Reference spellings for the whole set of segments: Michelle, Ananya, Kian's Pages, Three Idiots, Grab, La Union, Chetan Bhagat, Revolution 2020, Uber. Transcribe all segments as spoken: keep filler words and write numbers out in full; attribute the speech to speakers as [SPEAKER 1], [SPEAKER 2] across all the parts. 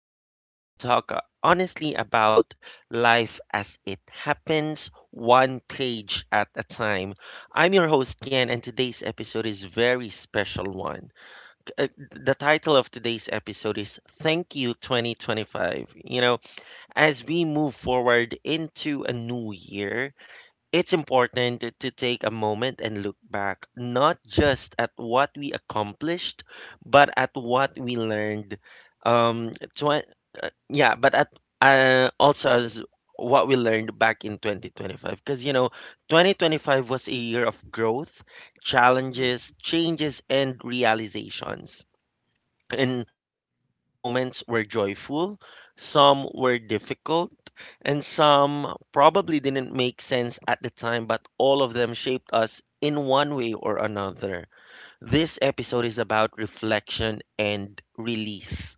[SPEAKER 1] reflect, and talk uh, honestly about life as it happens, one page at a time. I'm your host, Kian, and today's episode is very special one. Uh, The title of today's episode is Thank You twenty twenty-five. You know, as we move forward into a new year, it's important to to take a moment and look back, not just at what we accomplished, but at what we learned. Um, twen- uh, yeah, but at uh, also as What we learned back in twenty twenty-five. Because, you know, twenty twenty-five was a year of growth,
[SPEAKER 2] Mm.
[SPEAKER 1] challenges, changes, and realizations. And uh, some moments were joyful, some were difficult, and some probably didn't make sense at the time, but all of them shaped us in one way or another. This episode is about reflection and release.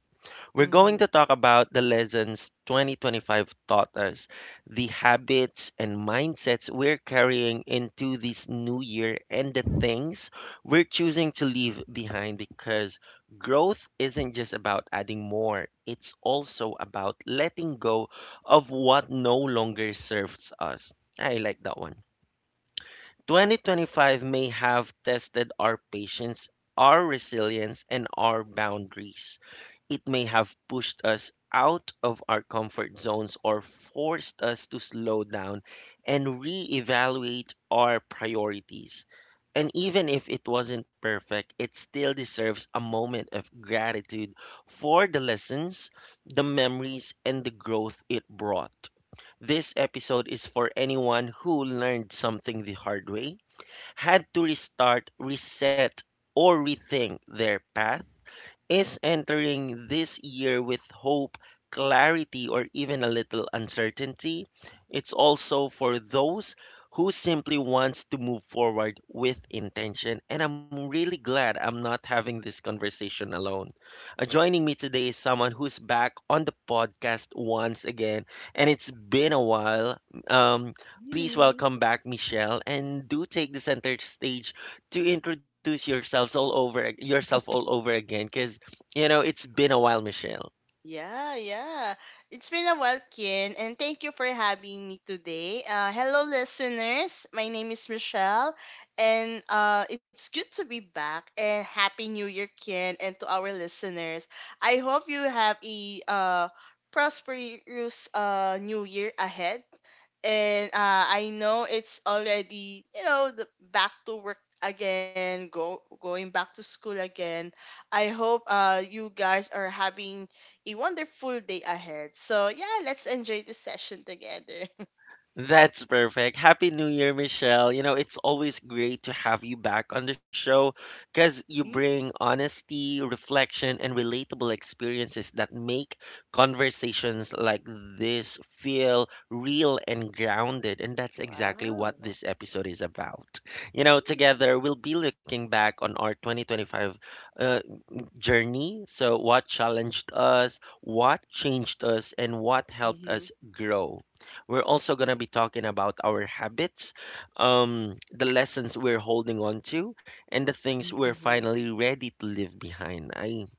[SPEAKER 1] We're going to
[SPEAKER 2] Mhm.
[SPEAKER 1] talk about the lessons two thousand twenty-five taught us, the habits and mindsets we're carrying into this new year, and the things we're choosing to leave behind because growth isn't just about adding more, it's also about letting go of what no longer serves us. I like that one. twenty twenty-five may have tested our patience, our resilience, and our boundaries. It may have pushed us out of our comfort zones or forced us to slow down and reevaluate our priorities. And even if it wasn't perfect, it still deserves a moment of gratitude for the lessons, the memories, and the growth it brought. This episode is for anyone who learned something the hard way, had to restart, reset, or rethink their path is entering this year with hope, clarity, or even a little uncertainty. It's also for those who simply wants to move forward with intention and I'm really glad I'm not having this conversation alone. Uh, joining me today is someone who's back on the podcast once again and it's been a while. Um Please
[SPEAKER 2] Mhm.
[SPEAKER 1] welcome back Michelle and do take the center stage to introduce yourselves all over yourself all over again because. You know, it's been a while, Michelle.
[SPEAKER 2] Yeah, yeah. It's been a while, Ken, and thank you for having me today. Uh, hello, listeners. My name is Michelle, and uh, it's good to be back. And happy New Year, Ken, and to our listeners. I hope you have a uh, prosperous uh, New Year ahead, and uh, I know it's already you know the back to work again, go going back to school again. I hope uh you guys are having a wonderful day ahead. So yeah, let's enjoy the session together.
[SPEAKER 1] That's perfect. Happy New Year, Michelle. You know, it's always great to have you back on the show because you
[SPEAKER 2] Mm,
[SPEAKER 1] bring honesty, reflection, and relatable experiences that make conversations like this feel real and grounded. And that's exactly what
[SPEAKER 2] wow.
[SPEAKER 1] this episode is about. You know, together
[SPEAKER 2] Mm.
[SPEAKER 1] we'll be looking back on our twenty twenty-five, uh, journey. So, what challenged us, what changed us, and what helped
[SPEAKER 2] Mhm.
[SPEAKER 1] us grow. We're also going to be talking about our habits, um, the lessons we're holding on to, and the things we're
[SPEAKER 2] Mhm.
[SPEAKER 1] finally ready to leave behind. I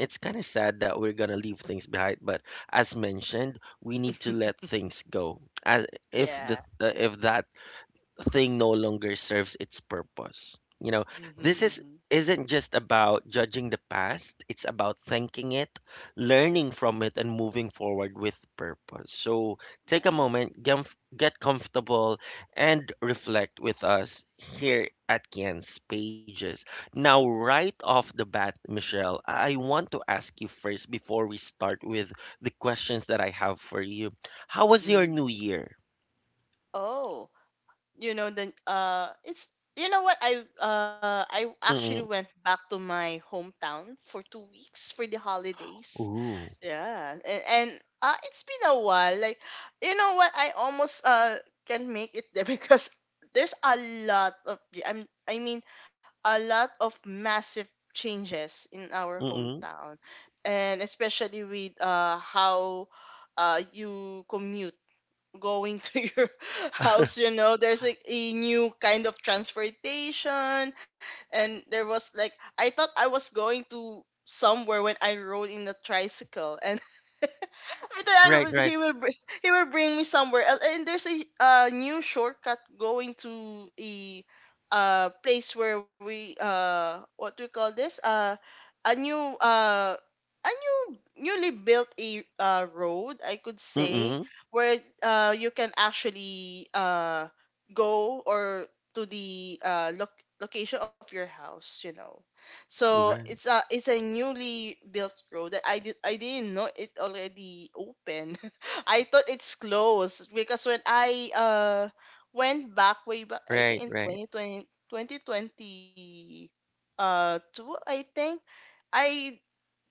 [SPEAKER 1] it's kind of sad that we're going to leave things behind, but as mentioned, we need to let things go. As if the
[SPEAKER 2] Yeah.
[SPEAKER 1] uh, if that thing no longer serves its purpose. You know,
[SPEAKER 2] Mm-hmm,
[SPEAKER 1] this
[SPEAKER 2] mm-hmm.
[SPEAKER 1] is isn't just about judging the past, it's about thanking it, learning from it and moving forward with purpose. So, take a
[SPEAKER 2] Yeah.
[SPEAKER 1] moment, get, get comfortable and reflect with us here at Kian's pages. Now, right off the bat, Michelle, I want to ask you first before we start with the questions that I have for you. How was your
[SPEAKER 2] Mhm.
[SPEAKER 1] new year?
[SPEAKER 2] Oh, you know the uh it's you know what, I uh I actually
[SPEAKER 1] Mm-mm.
[SPEAKER 2] went back to my hometown for two weeks for the holidays.
[SPEAKER 1] Ooh.
[SPEAKER 2] Yeah, and, and uh, it's been a while. Like, you know what? I almost uh can make it there because there's a lot of I'm I mean a lot of massive changes in our hometown, and especially with uh how uh you commute going to your house, you know there's like a new kind of transportation. And there was like I thought I was going to somewhere when I rode in a tricycle, and then I
[SPEAKER 1] Right,
[SPEAKER 2] would-
[SPEAKER 1] right.
[SPEAKER 2] he will br- he will bring me somewhere else. And there's a uh, new shortcut going to a uh place where we uh what do you call this, uh a new uh a new newly built a uh, road, I could say,
[SPEAKER 1] Mm-mm.
[SPEAKER 2] where uh you can actually uh go or to the uh loc- location of your house, you know so it's
[SPEAKER 1] Right.
[SPEAKER 2] a it's a newly built road that I did I didn't know it already open. I thought it's closed, because when I uh went back way back, I think
[SPEAKER 1] Right,
[SPEAKER 2] in twenty
[SPEAKER 1] right.
[SPEAKER 2] twenty twenty twenty uh two, I think. I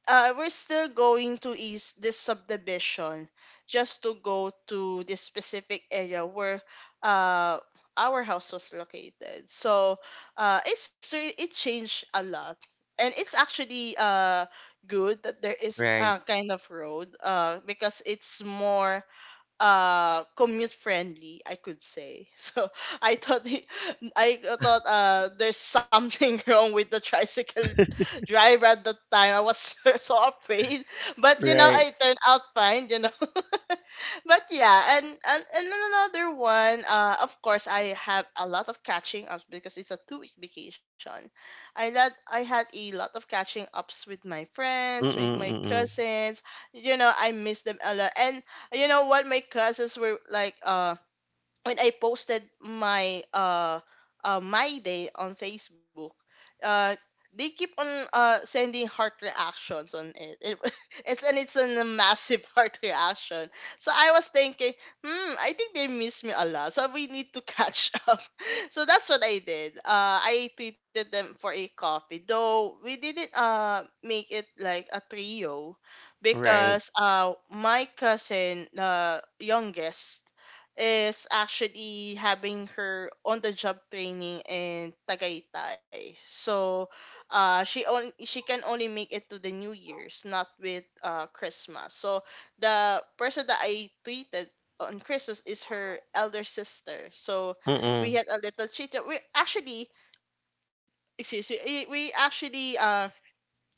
[SPEAKER 2] uh We're still going to is this subdivision just to go to this specific area where uh our house was located. So uh it's re- it changed a lot, and it's actually uh good that there is uh
[SPEAKER 1] Right.
[SPEAKER 2] kind of road uh because it's more uh commute friendly, I could say. So i thought he, I thought uh there's something wrong with the tricycle driver. At the time I was so, so afraid, but you know I
[SPEAKER 1] Right.
[SPEAKER 2] turned out fine you know But yeah, and, and and another one, uh of course, I have a lot of catching ups because it's a two week vacation. i had I had a lot of catching ups with my friends, with
[SPEAKER 1] Mm-mm,
[SPEAKER 2] my
[SPEAKER 1] mm-mm.
[SPEAKER 2] cousins you know I miss them a lot. And you know what? My classes were like, um, when I posted my uh, uh my day on Facebook, uh they keep on uh sending heart reactions on it. it it's and it's a massive heart reaction. So I was thinking, hmm, I think they miss me a lot, so we need to catch up. So that's what I did. Uh, I treated them for a coffee, though we didn't uh make it like a trio
[SPEAKER 1] Right.
[SPEAKER 2] because uh my cousin, the youngest, is actually having her on the job training in Tagaytay. So uh she on she can only make it to the New Year's, not with uh Christmas. So the person that I treated on Christmas is her elder sister. So we
[SPEAKER 1] Mm-mm.
[SPEAKER 2] had a little chit We actually excuse me, we, we actually uh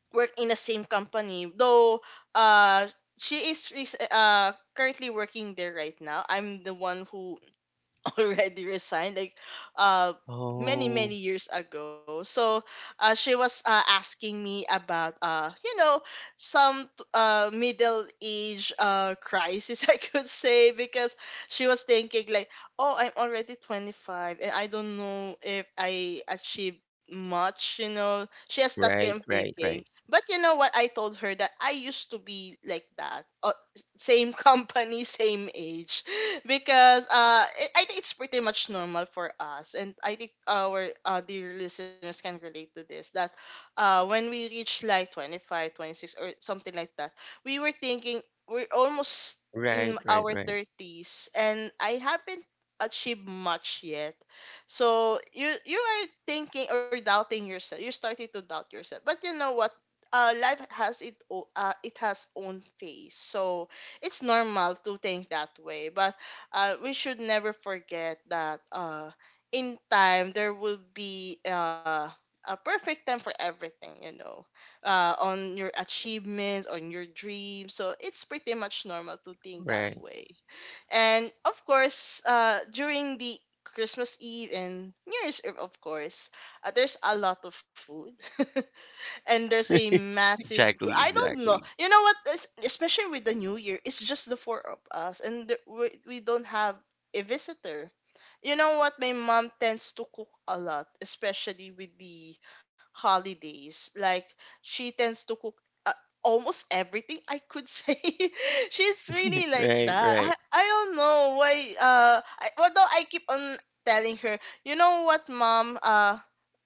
[SPEAKER 2] work in the same company. Though uh she is rec- uh currently working there right now. I'm the one who already resigned like uh many many
[SPEAKER 1] Oh.
[SPEAKER 2] years ago. So uh, she was uh, asking me about, uh you know some uh middle age uh crisis, I could say, because she was thinking like, oh, I'm already twenty-five and I don't know if I achieved much. You know she has that kind of
[SPEAKER 1] Right, right,
[SPEAKER 2] thinking.
[SPEAKER 1] right.
[SPEAKER 2] But you know what? I told her that I used to be like that, uh, same company, same age. Because uh, it, I think it's pretty much normal for us, and I think our uh, dear listeners can relate to this, that uh, when we reach like twenty five, twenty six, or something like that, we were thinking we're almost in
[SPEAKER 1] Right,
[SPEAKER 2] our
[SPEAKER 1] right, right.
[SPEAKER 2] thirties, and I haven't achieved much yet. So you you are thinking or doubting yourself. You're starting to doubt yourself. But you know what? Uh, life has it o- uh, it has own phase. So it's normal to think that way, but uh, we should never forget that uh, in time there will be, uh, a perfect time for everything, you know uh, on your achievements, on your dreams. So it's pretty much normal to think that
[SPEAKER 1] Right.
[SPEAKER 2] way. And of course, uh, during the Christmas Eve and New Year's Eve, of course, uh, there's a lot of food. And there's a massive, I
[SPEAKER 1] Exactly,
[SPEAKER 2] don't know,
[SPEAKER 1] exactly.
[SPEAKER 2] you know what, es- especially with the new year, it's just the four of us, and the- we, we don't have a visitor. You know what, my mom tends to cook a lot, especially with the holidays. Like, she tends to cook uh, almost everything, I could say. She's really like
[SPEAKER 1] Right,
[SPEAKER 2] that. i,
[SPEAKER 1] right.
[SPEAKER 2] I don't know why. Uh I, although I keep on telling her, "You know what, mom, uh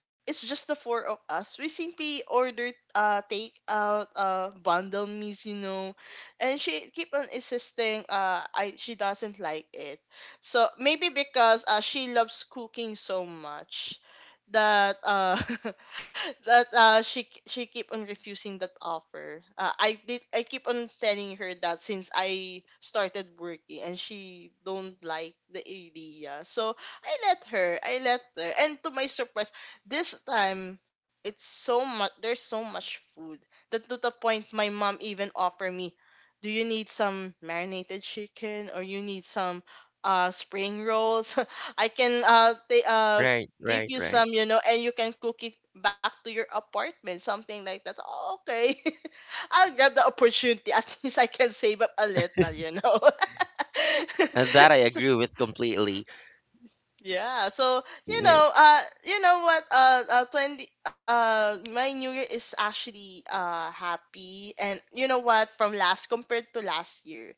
[SPEAKER 2] it's just the four of us. We simply ordered uh take out uh bundle meals, you know. And she keep on insisting, uh I she doesn't like it. So maybe because uh she loves cooking so much that uh that uh she k- she keep on refusing that offer. Uh, I did I keep on telling her that since I started working, and she don't like the idea. So I let her. I let her. And to my surprise, this time it's so much there's so much food that, to the point, my mom even offer me, "Do you need some marinated chicken or you need some uh spring rolls? I can uh they uh
[SPEAKER 1] Right,
[SPEAKER 2] give
[SPEAKER 1] right,
[SPEAKER 2] you
[SPEAKER 1] right.
[SPEAKER 2] some, you know, and you can cook it back to your apartment," something like that. Oh, okay. I'll grab the opportunity. At least I can save up a little, you know.
[SPEAKER 1] And that I
[SPEAKER 2] So,
[SPEAKER 1] agree with completely.
[SPEAKER 2] yeah. So, you
[SPEAKER 1] Yeah.
[SPEAKER 2] know, uh you know what, uh, uh 20, uh my new year is actually uh happy. And you know what, from last compared to last year,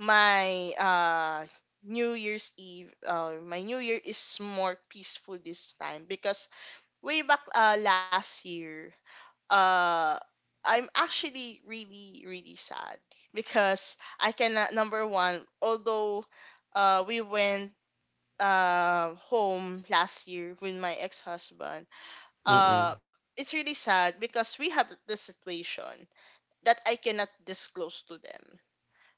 [SPEAKER 2] my uh New Year's Eve, uh, my New Year is more peaceful this time. Because way back, uh, last year, uh, I'm actually really, really sad. Because I cannot, number one, although, uh, we went, uh, home last year with my ex husband, uh,
[SPEAKER 1] Mm-mm.
[SPEAKER 2] it's really sad because we have this situation that I cannot disclose to them.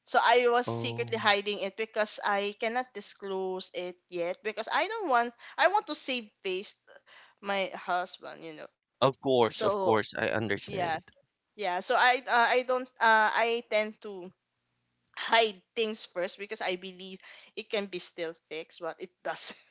[SPEAKER 2] So I was secretly
[SPEAKER 1] Oh.
[SPEAKER 2] hiding it because I cannot disclose it yet, because I don't want I want to save face my husband, you know.
[SPEAKER 1] Of course,
[SPEAKER 2] So
[SPEAKER 1] of course. I
[SPEAKER 2] yeah,
[SPEAKER 1] understand.
[SPEAKER 2] yeah. So I uh, I don't uh I tend to hide things first because I believe it can be still fixed, but it doesn't.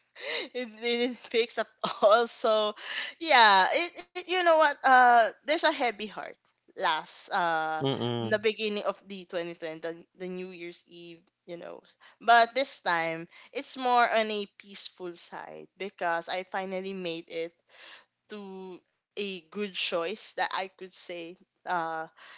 [SPEAKER 2] It didn't fix at all. So yeah. It, it you know what? Uh, there's a heavy heart last uh in the
[SPEAKER 1] Mm-mm.
[SPEAKER 2] beginning of the twenty twenty, the, the new year's eve, you know but this time it's more on a peaceful side because I finally made it to a good choice, that I could say. Uh,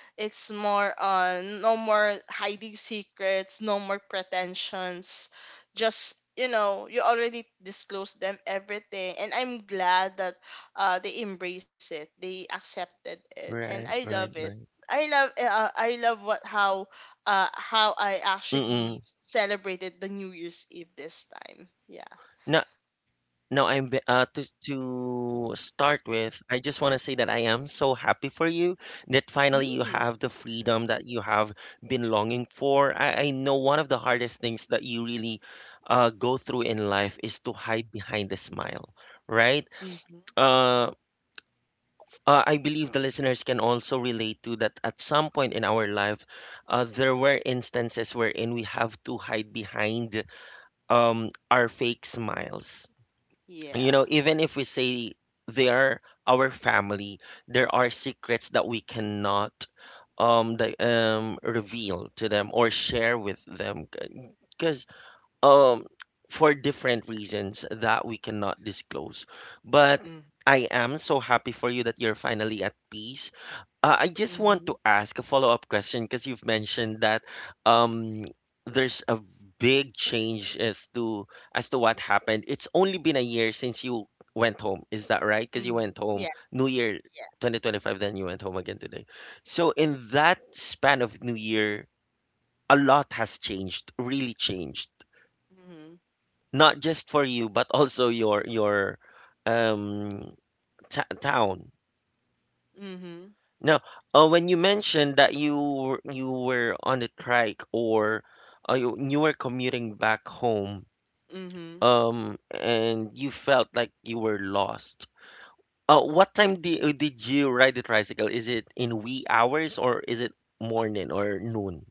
[SPEAKER 2] it's more on no more hiding secrets, no more pretensions. Just, you know, you already disclosed them everything, and I'm glad that uh they embrace it, they accepted it, and I
[SPEAKER 1] Right,
[SPEAKER 2] love
[SPEAKER 1] right,
[SPEAKER 2] it.
[SPEAKER 1] right.
[SPEAKER 2] I love uh, I love what how uh how I actually
[SPEAKER 1] Mm-mm.
[SPEAKER 2] celebrated the New Year's Eve this time. Yeah.
[SPEAKER 1] No, no, I'm ve- uh to to start with, I just want to say that I am so happy for you that finally you
[SPEAKER 2] Mm-hmm.
[SPEAKER 1] have the freedom that you have been longing for. I, I know one of the hardest things that you really uh go through in life is to hide behind the smile, right? Uh, uh I believe the listeners can also relate to that at some point in our life, uh there were instances wherein we have to hide behind um our fake smiles you
[SPEAKER 2] Yeah.
[SPEAKER 1] know, even if we say they are our family, there are secrets that we cannot um the um reveal to them or share with them because um for different reasons that we cannot disclose. But
[SPEAKER 2] Mm.
[SPEAKER 1] I am so happy for you that you're finally at peace. uh, I just
[SPEAKER 2] Mm-hmm.
[SPEAKER 1] want to ask a follow-up question because you've mentioned that um, there's a big change as to as to what happened. It's only been a year since you went home. Is that right? Because you
[SPEAKER 2] Mm-hmm.
[SPEAKER 1] went home
[SPEAKER 2] Yeah,
[SPEAKER 1] New Year
[SPEAKER 2] yeah.
[SPEAKER 1] twenty twenty-five, then you went home again today. So in that span of New Year, a lot has changed, really changed.
[SPEAKER 2] Mm-hmm.
[SPEAKER 1] Not just for you, but also your your um, ta town.
[SPEAKER 2] Mm-hmm.
[SPEAKER 1] Now, uh, when you mentioned that you were- you were on a trike or uh, you, you were commuting back home,
[SPEAKER 2] Mm-hmm.
[SPEAKER 1] um, and you felt like you were lost. Uh, what time did did you ride the tricycle? Is it in wee hours or is it morning or noon?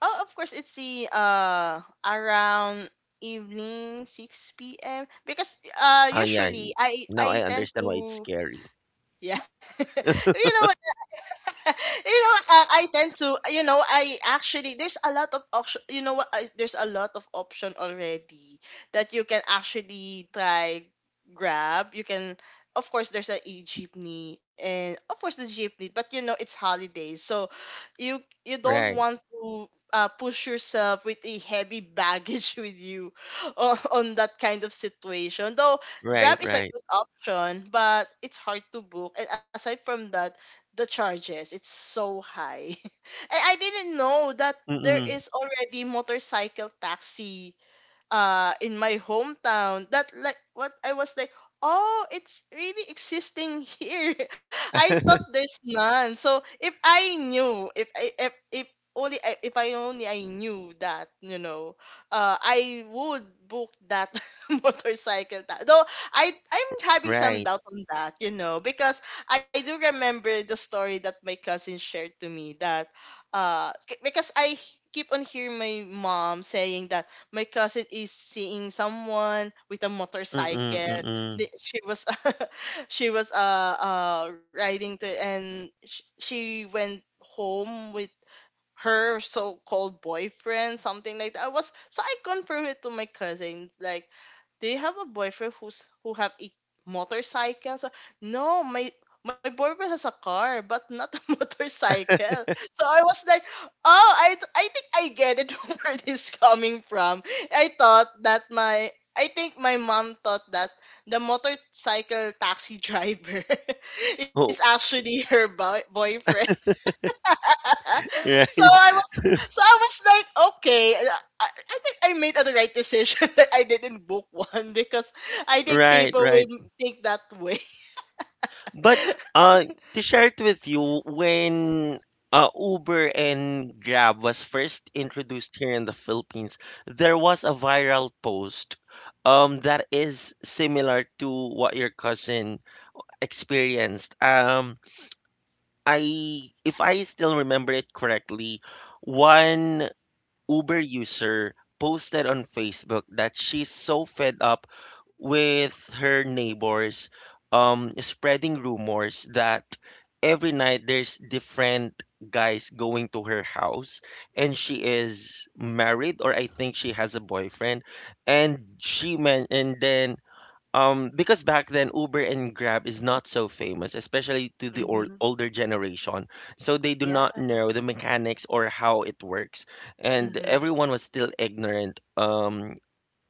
[SPEAKER 2] Oh, of course, it's the uh around evening six p m because uh
[SPEAKER 1] Ah, yeah.
[SPEAKER 2] usually I
[SPEAKER 1] Now I
[SPEAKER 2] I tend
[SPEAKER 1] understand why it's
[SPEAKER 2] to,
[SPEAKER 1] scary.
[SPEAKER 2] yeah. you know you know, uh, I tend to, you know, I actually there's a lot of option. You know what? I, there's a lot of option already that you can actually try Grab. You can, of course, there's a e jeepney, and of course the jeepney, but you know it's holidays, so you you don't
[SPEAKER 1] Right,
[SPEAKER 2] want to. Uh, push yourself with a heavy baggage with you on, on, that kind of situation. Though
[SPEAKER 1] right,
[SPEAKER 2] Grab is a
[SPEAKER 1] right.
[SPEAKER 2] good option, but it's hard to book. And aside from that, the charges it's so high and i didn't know that there
[SPEAKER 1] Mm-mm,
[SPEAKER 2] is already motorcycle taxi uh in my hometown. That like what I was like, oh, it's really existing here. I thought there's none. So if I knew, if I if, if only I, if I only I knew that, you know, uh I would book that motorcycle ta- though I I'm having some
[SPEAKER 1] right.
[SPEAKER 2] doubt on that, you know, because I do remember the story that my cousin shared to me. That uh c- because I keep on hearing my mom saying that my cousin is seeing someone with a
[SPEAKER 1] Mm-mm,
[SPEAKER 2] motorcycle.
[SPEAKER 1] mm-mm.
[SPEAKER 2] The- She was she was uh uh riding to, and sh- she went home with her so-called boyfriend, something like that. I was so I confirmed it to my cousin, like, do you have a boyfriend who's who have a motorcycle? So, no, my my boyfriend has a car, but not a motorcycle. So I was like, oh, I th- I think I get it where this coming from. I thought that my I think my mom thought that the motorcycle taxi driver is
[SPEAKER 1] Oh,
[SPEAKER 2] actually her boy- boyfriend. so I
[SPEAKER 1] right,
[SPEAKER 2] was so I was like, okay, I, I think I made the right decision that I didn't book one because I think
[SPEAKER 1] right,
[SPEAKER 2] people will
[SPEAKER 1] right.
[SPEAKER 2] think that way.
[SPEAKER 1] But uh, to share it with you, when uh, Uber and Grab was first introduced here in the Philippines, there was a viral post um, that is similar to what your cousin experienced. Um, I, if I still remember it correctly, one Uber user posted on Facebook that she's so fed up with her neighbors um, spreading rumors that every night there's different guys going to her house and she is married or I think she has a boyfriend and she men and then um, because back then Uber and Grab is not so famous, especially to the
[SPEAKER 2] Hmm.
[SPEAKER 1] or older generation. So they do
[SPEAKER 2] Yeah.
[SPEAKER 1] not know the mechanics or how it works, and
[SPEAKER 2] Hmm.
[SPEAKER 1] everyone was still ignorant. Um,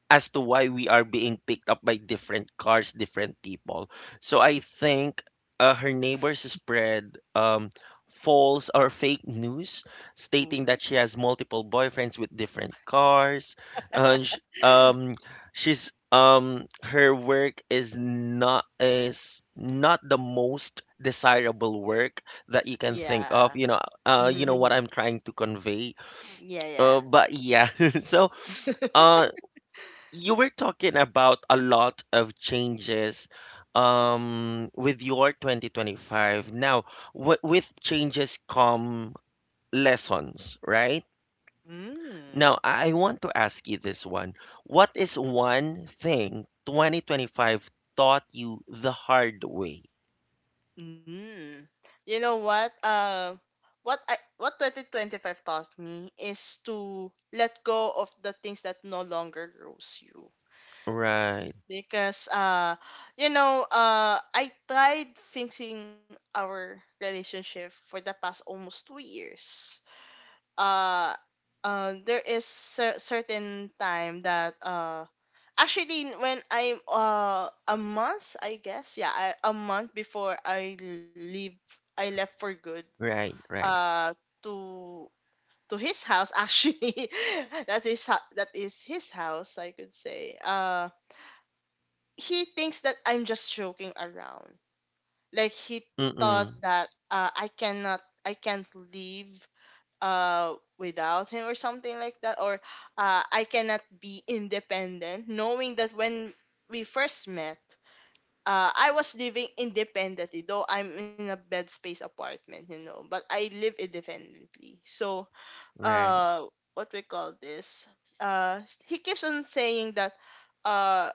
[SPEAKER 1] as to why we are being picked up by different cars, different people. So I think uh, her neighbors spread um, false or fake news stating that
[SPEAKER 2] Ooh.
[SPEAKER 1] she has multiple boyfriends with different cars. Uh, sh- um, she's um her work is not is not the most desirable work that you can think
[SPEAKER 2] Yeah.
[SPEAKER 1] of you know uh you know what
[SPEAKER 2] Hmm.
[SPEAKER 1] I'm trying to convey
[SPEAKER 2] Yeah,
[SPEAKER 1] uh
[SPEAKER 2] yeah.
[SPEAKER 1] but yeah so uh you were talking about a lot of changes um with your twenty twenty-five now what with changes come lessons right now
[SPEAKER 2] Mm.
[SPEAKER 1] I want to ask you this one what is one thing twenty twenty-five taught you the hard way
[SPEAKER 2] Mm. You know what? Uh, what I what twenty twenty-five taught me is to let go of the things that no longer grows you.
[SPEAKER 1] right
[SPEAKER 2] Because uh you know, uh I tried fixing our relationship for the past almost two years. Uh uh there is cer- certain time that uh actually when I'm uh a month, I guess, yeah I, a month before I leave, I left for good
[SPEAKER 1] right right
[SPEAKER 2] uh to to his house, actually. That is ho- that is his house, I could say. Uh, he thinks that I'm just joking around. Like, he thought
[SPEAKER 1] mm-mm
[SPEAKER 2] that, uh, I cannot, I can't leave uh without him or something like that. Or uh, I cannot be independent, knowing that when we first met, Uh, I was living independently, though I'm in a bed space apartment, you know. But I live independently. So,
[SPEAKER 1] right
[SPEAKER 2] uh, what we call this? Uh, he keeps on saying that, uh,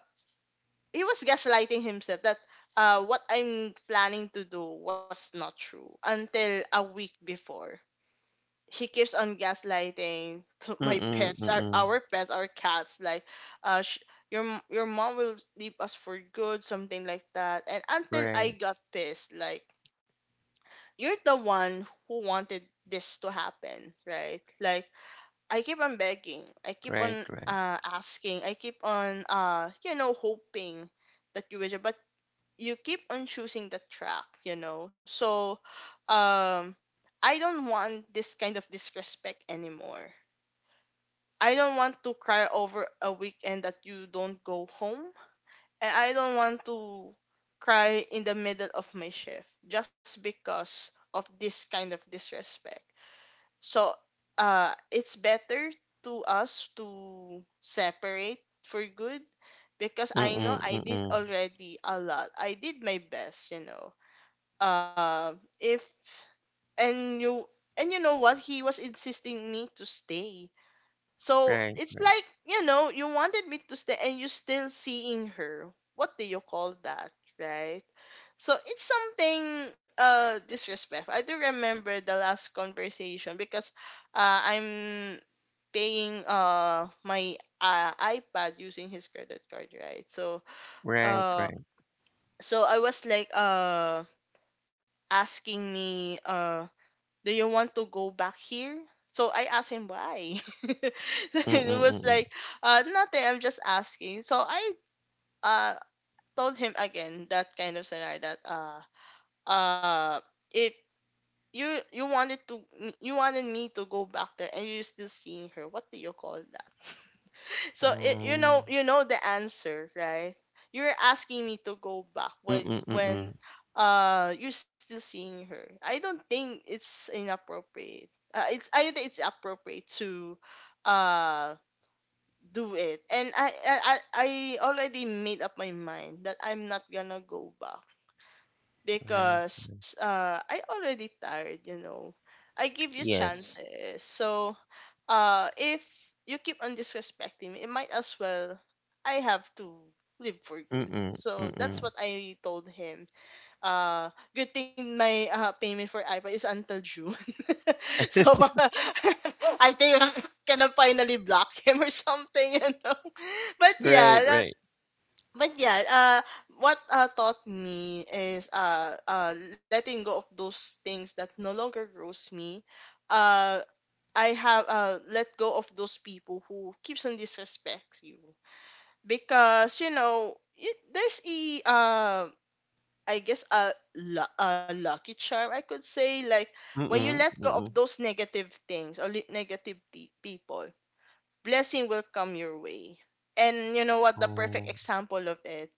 [SPEAKER 2] he was gaslighting himself that, uh, what I'm planning to do was not true until a week before. He keeps on gaslighting to my
[SPEAKER 1] mm-mm
[SPEAKER 2] pets, our,
[SPEAKER 1] mm-mm
[SPEAKER 2] our pets, our cats, like, uh, sh- your m- your mom will leave us for good, something like that. And until I
[SPEAKER 1] right
[SPEAKER 2] got pissed, like, you're the one who wanted this to happen, right? Like, I keep on begging, I keep on
[SPEAKER 1] right right
[SPEAKER 2] uh asking, I keep on uh you know hoping that you will, but you keep on choosing the track, you know. So, um, I don't want this kind of disrespect anymore. I don't want to cry over a weekend that you don't go home. And I don't want to cry in the middle of my shift just because of this kind of disrespect. So, uh, it's better to us to separate for good, because I
[SPEAKER 1] mm-mm
[SPEAKER 2] know I
[SPEAKER 1] mm-mm
[SPEAKER 2] did already a lot. I did my best, you know. uh, if and you, and you know what, he was insisting me to stay. So
[SPEAKER 1] right
[SPEAKER 2] it's
[SPEAKER 1] right
[SPEAKER 2] like, you know, you wanted me to stay and you still seeing her. What do you call that? Right. So it's something uh disrespectful. I do remember the last conversation, because uh i'm paying uh my uh, ipad using his credit card, right? So
[SPEAKER 1] right
[SPEAKER 2] uh
[SPEAKER 1] right
[SPEAKER 2] so I was like, uh asking me, uh do you want to go back here? So I asked him why.
[SPEAKER 1] mm-mm
[SPEAKER 2] It was like,
[SPEAKER 1] mm-mm
[SPEAKER 2] uh, nothing. I'm just asking. So I uh told him again that kind of scenario that uh uh if you, you wanted to, you wanted me to go back there and you're still seeing her. What do you call that? So it, you
[SPEAKER 1] Mm.
[SPEAKER 2] know you know the answer, right? You're asking me to go back when
[SPEAKER 1] Mm,
[SPEAKER 2] when
[SPEAKER 1] mm.
[SPEAKER 2] uh you're still seeing her. I don't think it's inappropriate. Uh, it's I think it's appropriate to uh do it. And I I I I already made up my mind that I'm not gonna go back
[SPEAKER 1] Right.
[SPEAKER 2] because uh I already tired, you know. I give you
[SPEAKER 1] Yes.
[SPEAKER 2] chances. So uh if you keep on disrespecting me, it might as well I have to live for good.
[SPEAKER 1] Mm,
[SPEAKER 2] So that's
[SPEAKER 1] mm.
[SPEAKER 2] what I told him. Uh, good thing my uh, payment for iPad is until June. So uh, I think I can finally block him or something, you know. But yeah,
[SPEAKER 1] Right,
[SPEAKER 2] that
[SPEAKER 1] right.
[SPEAKER 2] but yeah, uh what uh, taught me is uh uh letting go of those things that no longer grows me. Uh I have uh let go of those people who keeps on disrespects you, because you know it, there's a uh I guess a, lu- a lucky charm I could say, like, when you
[SPEAKER 1] Mm,
[SPEAKER 2] let go of
[SPEAKER 1] mm.
[SPEAKER 2] those negative things or le- negative pe- people, blessing will come your way. And you know what the perfect
[SPEAKER 1] Oh.
[SPEAKER 2] example of it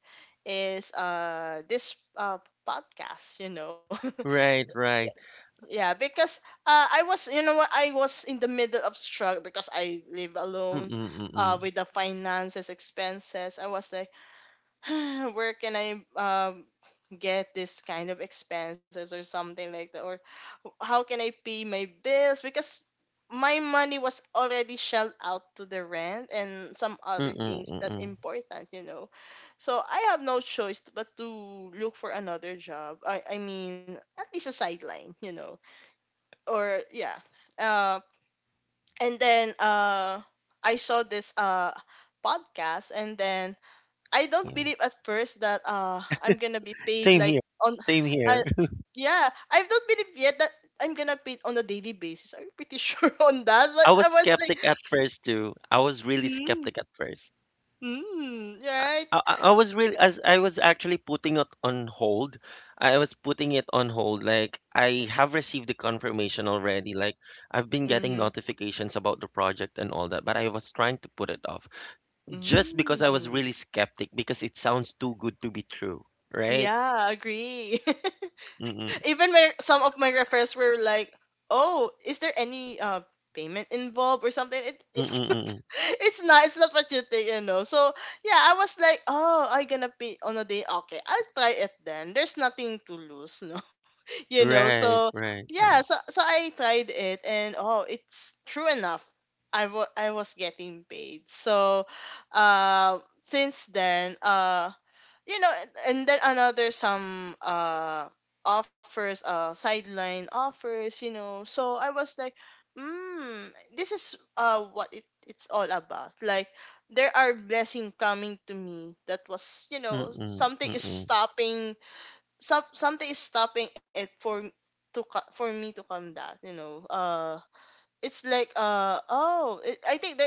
[SPEAKER 2] is? Uh this uh podcast, you know.
[SPEAKER 1] Right, right.
[SPEAKER 2] Yeah, because uh, I was, you know what, I was in the middle of struggle because I live
[SPEAKER 1] Mm,
[SPEAKER 2] alone uh,
[SPEAKER 1] mm.
[SPEAKER 2] with the finances, expenses. I was like, where can I um, get this kind of expenses or something like that? Or how can I pay my bills? Because my money was already shelled out to the rent and some other
[SPEAKER 1] Mm,
[SPEAKER 2] things that
[SPEAKER 1] mm.
[SPEAKER 2] important, you know. So I have no choice but to look for another job. I, I mean, at least a sideline, you know, or yeah. uh, and then uh i saw this uh podcast. And then i don't
[SPEAKER 1] Yeah.
[SPEAKER 2] believe at first that uh i'm gonna be paid
[SPEAKER 1] Same
[SPEAKER 2] like
[SPEAKER 1] here.
[SPEAKER 2] on
[SPEAKER 1] Same
[SPEAKER 2] uh,
[SPEAKER 1] here.
[SPEAKER 2] yeah, i don't believe yet that i'm gonna paid on a daily basis. I'm pretty sure on that.
[SPEAKER 1] I
[SPEAKER 2] Like,
[SPEAKER 1] was
[SPEAKER 2] I was like,
[SPEAKER 1] skeptic at first too. I was really
[SPEAKER 2] mm,
[SPEAKER 1] skeptic at first.
[SPEAKER 2] mm, right.
[SPEAKER 1] I, I I was really as I was actually putting it on hold. I was putting it on hold. Like I have received the confirmation already. Like I've been getting
[SPEAKER 2] Mm-hmm.
[SPEAKER 1] notifications about the project and all that, but I was trying to put it off. Just because I was
[SPEAKER 2] Mm.
[SPEAKER 1] really skeptic because it sounds too good to be true, right?
[SPEAKER 2] Yeah, agree.
[SPEAKER 1] Mm-mm,
[SPEAKER 2] Even my some of my references were like, "Oh, is there any uh payment involved or something?" It,
[SPEAKER 1] mm-mm,
[SPEAKER 2] it's not,
[SPEAKER 1] mm-mm.
[SPEAKER 2] it's not, it's not what you think, you know. So yeah, I was like, "Oh, I gonna pay on a day. Okay, I'll try it then. There's nothing to lose, no." You know,
[SPEAKER 1] Right,
[SPEAKER 2] so
[SPEAKER 1] right,
[SPEAKER 2] yeah,
[SPEAKER 1] right.
[SPEAKER 2] so so I tried it, and oh, it's true enough. I wa- I was getting paid. So, uh, since then, uh you know, and and then another some uh offers, uh sideline offers, you know. So I was like, mm, this is uh what it, it's all about. Like, there are blessing coming to me that was, you know,
[SPEAKER 1] Mm-mm,
[SPEAKER 2] something is
[SPEAKER 1] mm-mm,
[SPEAKER 2] stopping some something is stopping it for to co- for me to come. That, you know, uh it's like, uh oh it, I think they,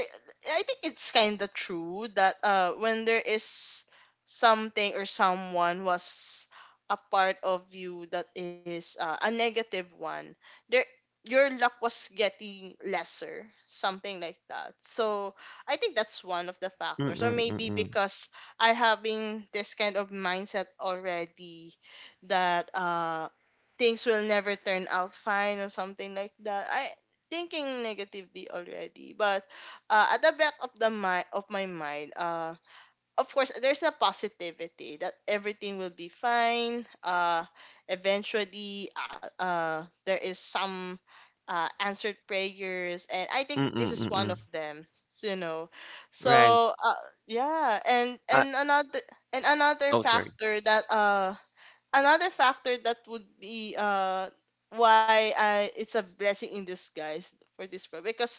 [SPEAKER 2] I think it's kind of true that uh when there is something or someone was a part of you that is, uh, a negative one, there your luck was getting lesser, something like that. So I think that's one of the factors, or
[SPEAKER 1] mm-mm,
[SPEAKER 2] maybe
[SPEAKER 1] mm-mm,
[SPEAKER 2] because I having this kind of mindset already that uh things will never turn out fine or something like that. I thinking negatively already, but uh, at the back of the mind of my mind, uh of course there's a positivity that everything will be fine uh eventually. Uh, uh there is some uh answered prayers, and I think this
[SPEAKER 1] mm-mm,
[SPEAKER 2] is one of
[SPEAKER 1] mm-mm.
[SPEAKER 2] them, you know.
[SPEAKER 1] Right.
[SPEAKER 2] So uh yeah. And
[SPEAKER 1] Uh,
[SPEAKER 2] and another and another
[SPEAKER 1] oh, sorry.
[SPEAKER 2] factor that uh another factor that would be, uh why I, it's a blessing in disguise for this pro, because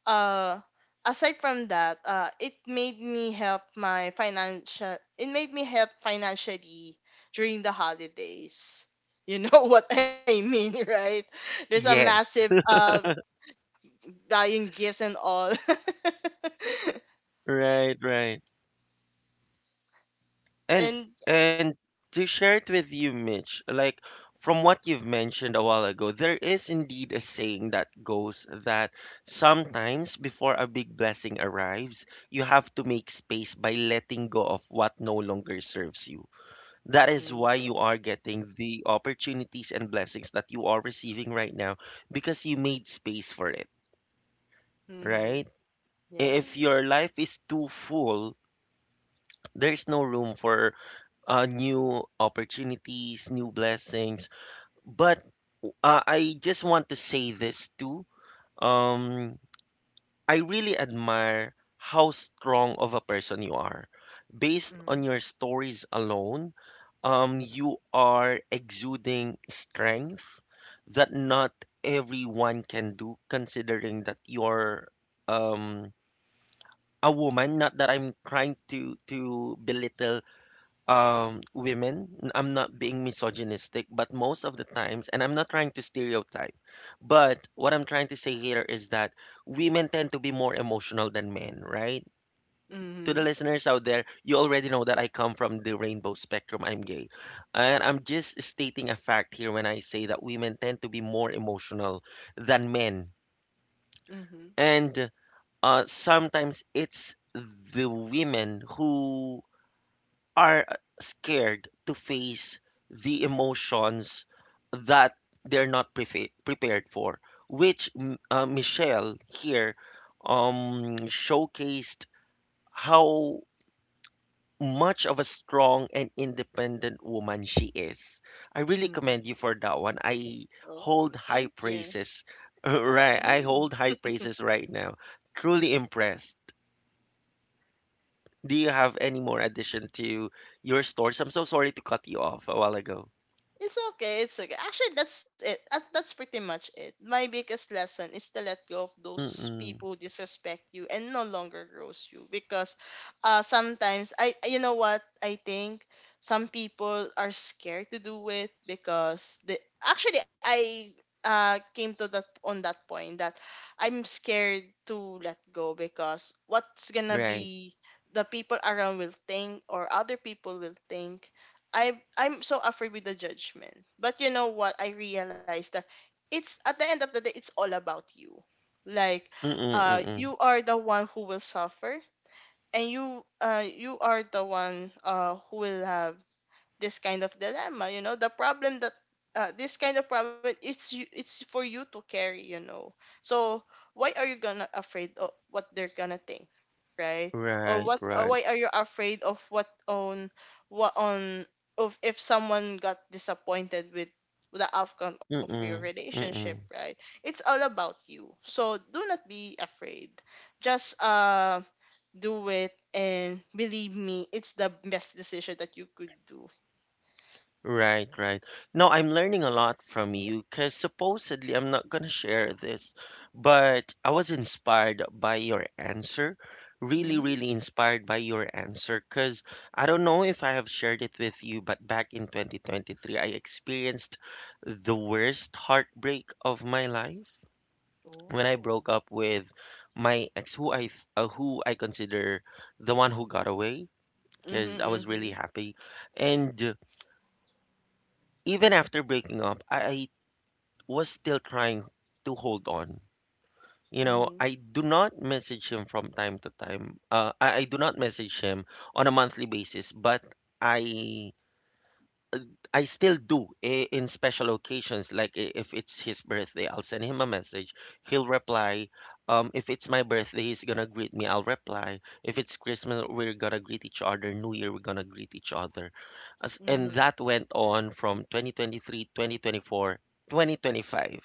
[SPEAKER 2] uh aside from that, uh it made me help my financial, it made me help financially during the holidays. You know what I mean, right? There's a
[SPEAKER 1] Yeah.
[SPEAKER 2] massive uh buying gifts and all.
[SPEAKER 1] Right, right. And
[SPEAKER 2] And
[SPEAKER 1] and to share it with you, Mitch, like from what you've mentioned a while ago, there is indeed a saying that goes that sometimes before a big blessing arrives, you have to make space by letting go of what no longer serves you. That is why
[SPEAKER 2] mm-hmm.
[SPEAKER 1] you are getting the opportunities and blessings that you are receiving right now because you made space for it, right?
[SPEAKER 2] Mhm.
[SPEAKER 1] If
[SPEAKER 2] Yeah.
[SPEAKER 1] your life is too full, there's no room for uh, new opportunities, new blessings. But uh, I just want to say this too. Um, I really admire how strong of a person you are. Based
[SPEAKER 2] Mm-hmm.
[SPEAKER 1] on your stories alone, um, you are exuding strength that not everyone can do, considering that you're um, a woman. Not that I'm trying to to belittle um women n- I'm not being misogynistic but most of the times and I'm not trying to stereotype but what I'm trying to say here is that women tend to be more emotional than men right to the listeners out there you already know that I come from the rainbow spectrum I'm gay and I'm just stating a fact here when I say that women tend to be more emotional than men
[SPEAKER 2] Mhm.
[SPEAKER 1] and uh, sometimes it's the women who are scared to face the emotions that they're not prefa- prepared for, which m- uh, Michelle here um, showcased how much of a strong and independent woman she is. I really
[SPEAKER 2] Mhm.
[SPEAKER 1] commend you for that one. I
[SPEAKER 2] Oh,
[SPEAKER 1] hold
[SPEAKER 2] thank
[SPEAKER 1] high
[SPEAKER 2] you.
[SPEAKER 1] praises. Right, I
[SPEAKER 2] Mm.
[SPEAKER 1] hold high praises right now. Truly impressed. Do you have any more addition to your stories? I'm so sorry to cut you off a while ago.
[SPEAKER 2] It's okay. It's okay. Actually, that's it. Uh, That's pretty much it. My biggest lesson is to let go of those
[SPEAKER 1] Mm,
[SPEAKER 2] people who disrespect you and no longer grows you. Because uh sometimes I, you know what, I think some people are scared to do it because the actually I uh came to that on that point that I'm scared to let go because what's gonna
[SPEAKER 1] right.
[SPEAKER 2] be the people around will think, or other people will think. I I'm so afraid with the judgment. But you know what? I realized that it's at the end of the day, it's all about you. Like,
[SPEAKER 1] Mm,
[SPEAKER 2] uh,
[SPEAKER 1] mm.
[SPEAKER 2] you are the one who will suffer, and you, uh you are the one uh who will have this kind of dilemma, you know, the problem that, uh, this kind of problem, it's you, it's for you to carry, you know. So why are you gonna afraid of what they're gonna think, right? Or
[SPEAKER 1] Right,
[SPEAKER 2] what, or
[SPEAKER 1] right.
[SPEAKER 2] why are you afraid of what on, what on, of if someone got disappointed with the outcome of your
[SPEAKER 1] Mm,
[SPEAKER 2] relationship,
[SPEAKER 1] mm.
[SPEAKER 2] right? It's all about you. So do not be afraid, just uh do it, and believe me, it's the best decision that you could do.
[SPEAKER 1] Right, right. No, I'm learning a lot from you because supposedly I'm not gonna share this, but I was inspired by your answer. Really,
[SPEAKER 2] Hmm?
[SPEAKER 1] really inspired by your answer because I don't know if I have shared it with you, but back in twenty twenty-three, I experienced the worst heartbreak of my life, when I
[SPEAKER 2] Oh.
[SPEAKER 1] broke up with my ex, who I th- uh, who I consider the one who got away,
[SPEAKER 2] Mhm,
[SPEAKER 1] because I was really
[SPEAKER 2] mhm,
[SPEAKER 1] happy, and even after breaking up, I, I was still trying to hold on. You know,
[SPEAKER 2] mhm,
[SPEAKER 1] I do not message him from time to time. Uh, I, I do not message him on a monthly basis, but I Uh, I still do i- in special occasions, like i- if it's his birthday, I'll send him a message. He'll reply. Um, if it's my birthday, he's gonna greet me. I'll reply. If it's Christmas, we're gonna greet each other. New Year, we're gonna greet each other. As, and
[SPEAKER 2] mhm,
[SPEAKER 1] that went on from twenty twenty-three, twenty twenty-four, twenty twenty-five.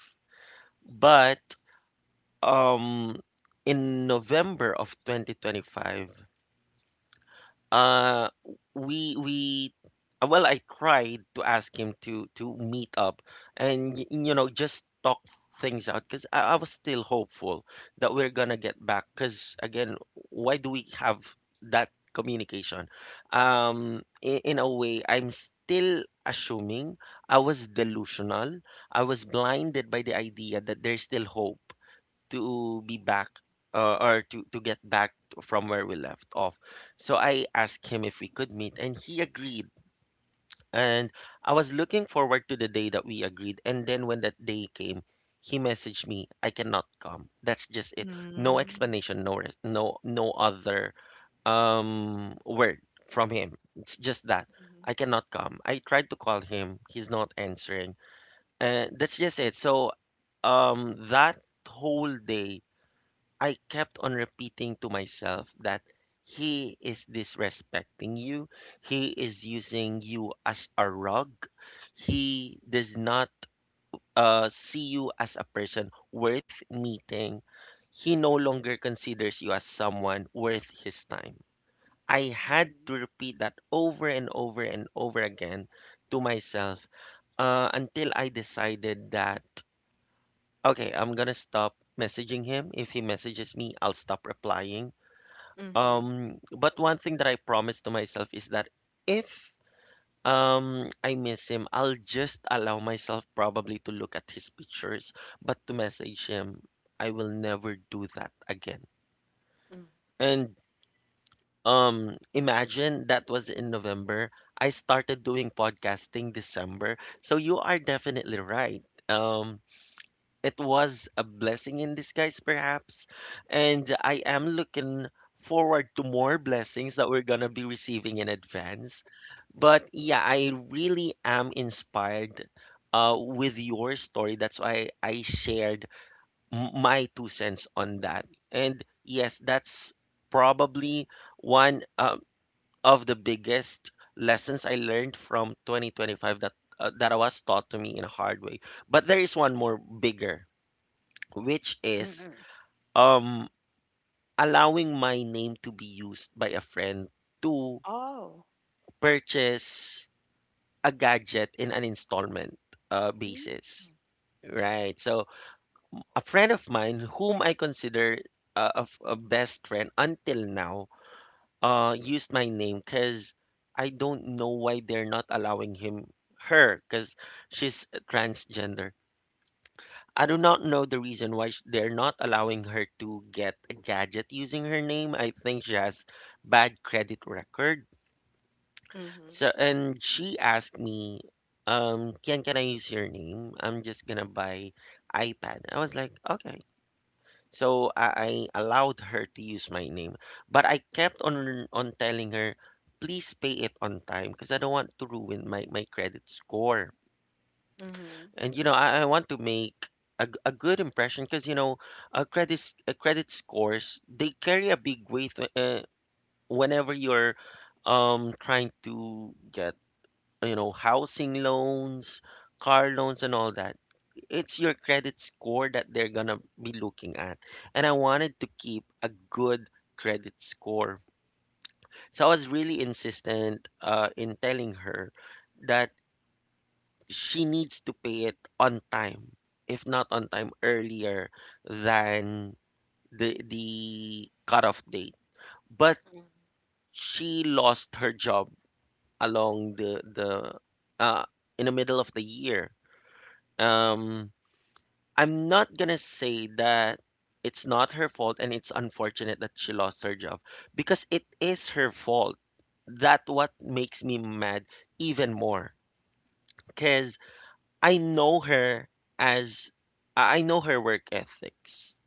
[SPEAKER 1] But um, in November of twenty twenty-five, uh we we uh, well I tried to ask him to to meet up and y- you know, just talk things out because I, I was still hopeful that we're gonna get back, because again, why do we have that communication? Um in, in a way I'm still assuming, I was delusional. I was blinded by the idea that there's still hope to be back, uh, or to, to get back to- from where we left off. So I asked him if we could meet, and he agreed. And I was looking forward to the day that we agreed. And then when that day came, he messaged me, I cannot come. That's just
[SPEAKER 2] mhm,
[SPEAKER 1] it. No
[SPEAKER 2] mhm,
[SPEAKER 1] explanation, no res- no no other um word from him. It's just that
[SPEAKER 2] mhm,
[SPEAKER 1] I cannot come. I tried to call him, he's not answering. And that's just it. So um that whole day I kept on repeating to myself that he is disrespecting you. He is using you as a rug. He does not uh, see you as a person worth meeting. He no longer considers you as someone worth his time. I had to repeat that over and over and over again to myself, uh, until I decided that, okay, I'm gonna stop messaging him. If he messages me, I'll stop replying.
[SPEAKER 2] mhm, mhm.
[SPEAKER 1] Um, but one thing that I promised to myself is that if um I miss him, I'll just allow myself probably to look at his pictures, but to message him, I will never do that again. And um imagine that was in November. I started doing podcasting December. So you are definitely right. Um it was a blessing in disguise, perhaps. And I am looking forward to more blessings that we're going to be receiving in advance. But yeah, I really am inspired uh, with your story. That's why I shared m- my two cents on that. And yes, that's probably one um of the biggest lessons I learned from twenty twenty-five, that uh, that was taught to me in a hard way. But there is one more bigger, which is
[SPEAKER 2] Mm-mm.
[SPEAKER 1] um allowing my name to be used by a friend to
[SPEAKER 2] Oh.
[SPEAKER 1] purchase a gadget in an installment uh,
[SPEAKER 2] Mhm,
[SPEAKER 1] basis. Right. So a friend of mine, whom I consider a, a f- a best friend until now, uh used my name because I don't know why they're not allowing him her, because she's transgender. I do not know the reason why sh- they're not allowing her to get a gadget using her name. I think she has bad credit record. So,
[SPEAKER 2] mhm,
[SPEAKER 1] and she asked me, um, Ken, can I use your name? I'm just gonna buy iPad. I was like, okay. So I, I allowed her to use my name, but I kept on on telling her, please pay it on time because I don't want to ruin my my credit score.
[SPEAKER 2] mhm,
[SPEAKER 1] And you know, I, I want to make a, g- a good impression because you know, uh, credits uh, credit scores, they carry a big weight wh- uh, whenever you're um trying to get, you know, housing loans, car loans, and all that. It's your credit score that they're gonna be looking at, and I wanted to keep a good credit score, so I was really insistent uh, in telling her that she needs to pay it on time, if not on time, earlier than the the cutoff date. But
[SPEAKER 2] mhm,
[SPEAKER 1] she lost her job along the the uh in the middle of the year. Um, I'm not gonna say that it's not her fault and it's unfortunate that she lost her job, because it is her fault. That what makes me mad even more. Cause. I know her as I I know her work ethics.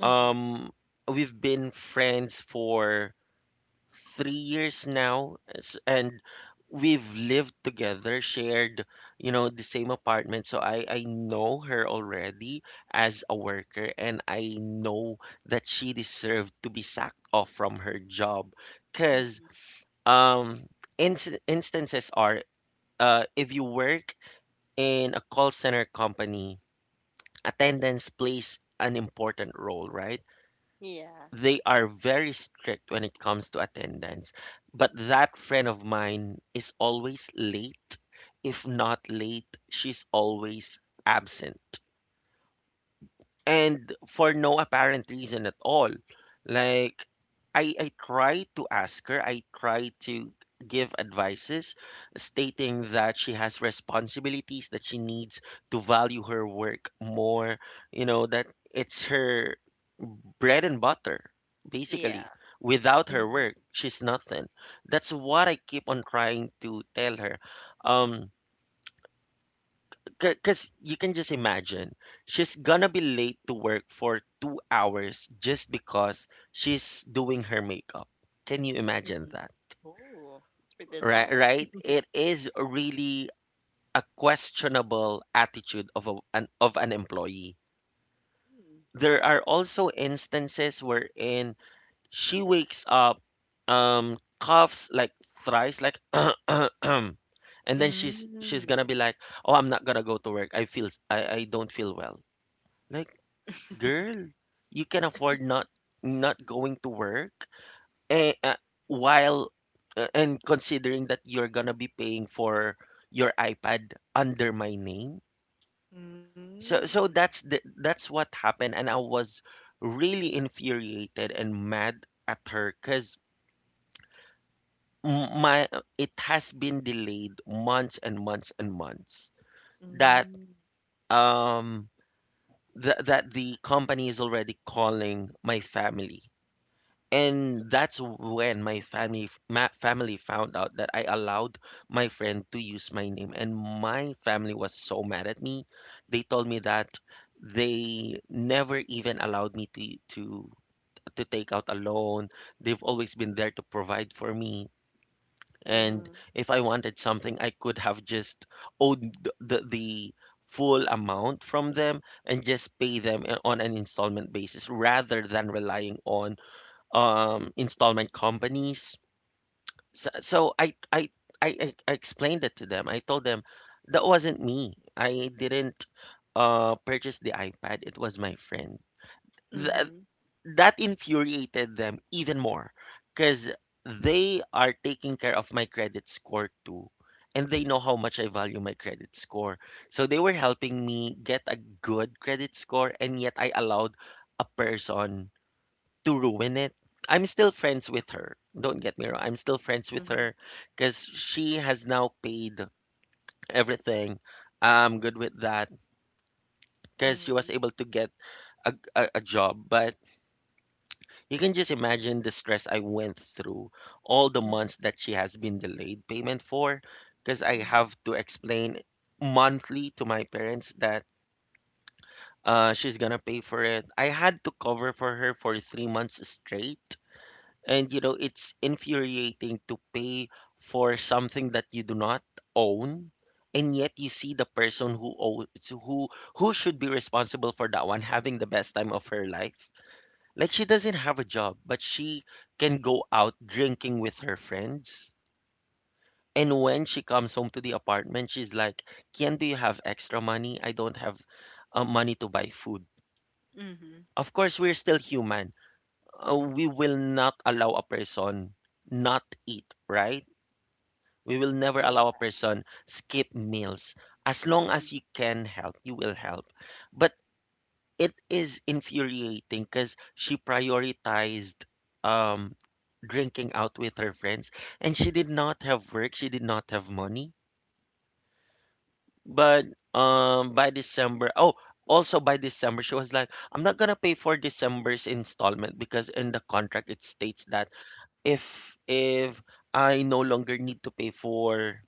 [SPEAKER 2] mhm,
[SPEAKER 1] Um, we've been friends for three years now, s- and we've lived together, shared, you know, the same apartment. So I I know her already as a worker, and I know that she deserved to be sacked off from her job, because
[SPEAKER 2] mhm.
[SPEAKER 1] um, ins instances are, uh, if you work in a call center company, attendance plays an important role, right?
[SPEAKER 2] Yeah,
[SPEAKER 1] They are very strict when it comes to attendance. But that friend of mine is always late. If not late, she's always absent, and for no apparent reason at all. Like I I try to ask her, I try to give advices stating that she has responsibilities, that she needs to value her work more, you know, that it's her bread and butter, basically.
[SPEAKER 2] yeah.
[SPEAKER 1] Without her
[SPEAKER 2] Mhm,
[SPEAKER 1] work, she's nothing. That's what I keep on trying to tell her. Um because you can just imagine, she's gonna be late to work for two hours just because she's doing her makeup. Can you imagine that?
[SPEAKER 2] mhm. Oh. It's pretty
[SPEAKER 1] Right,
[SPEAKER 2] long.
[SPEAKER 1] right? It is really a questionable attitude of a, an of an employee.
[SPEAKER 2] Mm.
[SPEAKER 1] There are also instances wherein she wakes up, um, coughs like thrice, like, and then she's
[SPEAKER 2] Mm,
[SPEAKER 1] she's gonna be like,
[SPEAKER 2] mm,
[SPEAKER 1] "Oh, I'm not gonna go to work. I feel I, I don't feel well." Like girl, you can afford not not going to work and, uh, while uh, and considering that you're gonna be paying for your iPad under my name. So so
[SPEAKER 2] mm.
[SPEAKER 1] that's the, that's what happened, and I was really infuriated and mad at her because my uh, it has been delayed months and months and months, that
[SPEAKER 2] Mhm,
[SPEAKER 1] um th- that the company is already calling my family. And that's when my family f- ma family found out that I allowed my friend to use my name, and my family was so mad at me. They told me that they never even allowed me to to to take out a loan. They've always been there to provide for me. And
[SPEAKER 2] mhm,
[SPEAKER 1] if I wanted something, I could have just owed the, the, the full amount from them and just pay them uh, on an installment basis, rather than relying on um installment companies. So, so I, I I I I explained it to them. I told them that wasn't me. I didn't uh purchase the iPad. It was my friend. That that infuriated them even more because they are taking care of my credit score too. And they know how much I value my credit score. So they were helping me get a good credit score, and yet I allowed a person to ruin it. I'm still friends with her. Don't get me wrong. I'm still friends with her
[SPEAKER 2] mhm,
[SPEAKER 1] because she has now paid everything. I'm good with that because she was
[SPEAKER 2] mhm,
[SPEAKER 1] able to get a, a, a job. But you can just imagine the stress I went through all the months that she has been delayed payment for, because I have
[SPEAKER 2] mhm,
[SPEAKER 1] to explain monthly to my parents that uh, she's gonna pay for it. I had to cover for her for three months straight. And you know, it's infuriating to pay for something that you do not own, and yet you see the person who owns who who should be responsible for that one having the best time of her life. Like, she doesn't have a job, but she can go out drinking with her friends. And when she comes home to the apartment, she's like, "Kian, do you have extra money? I don't have uh, money to buy food."
[SPEAKER 2] mhm.
[SPEAKER 1] Of course, we're still human. Uh, we will not allow a person not eat, right? We will never allow a
[SPEAKER 2] Yeah.
[SPEAKER 1] person skip meals. As long as you
[SPEAKER 2] Mm-hmm.
[SPEAKER 1] can help, you will help. But it is infuriating because she prioritized um, drinking out with her friends, and she did not have work, she did not have money. But um by december oh also by December she was like, I'm not gonna pay for December's installment because in the contract it states that if if I no longer need to pay for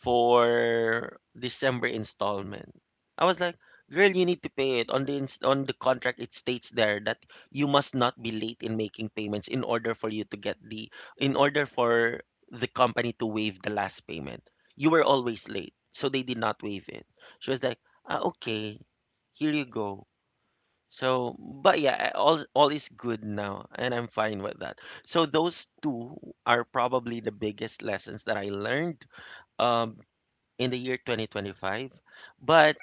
[SPEAKER 1] for December installment. I was like, girl, you need to pay it. On the ins- on the contract, it states there that you must not be late in making payments, in order for you to get the in order for the company to waive the last payment. You were always late, so they did not waive it. She was like, ah, okay, here you go. So, but yeah, I- all all is good now, and I'm fine with that. So those two are probably the biggest lessons that I learned um in the year twenty twenty-five. But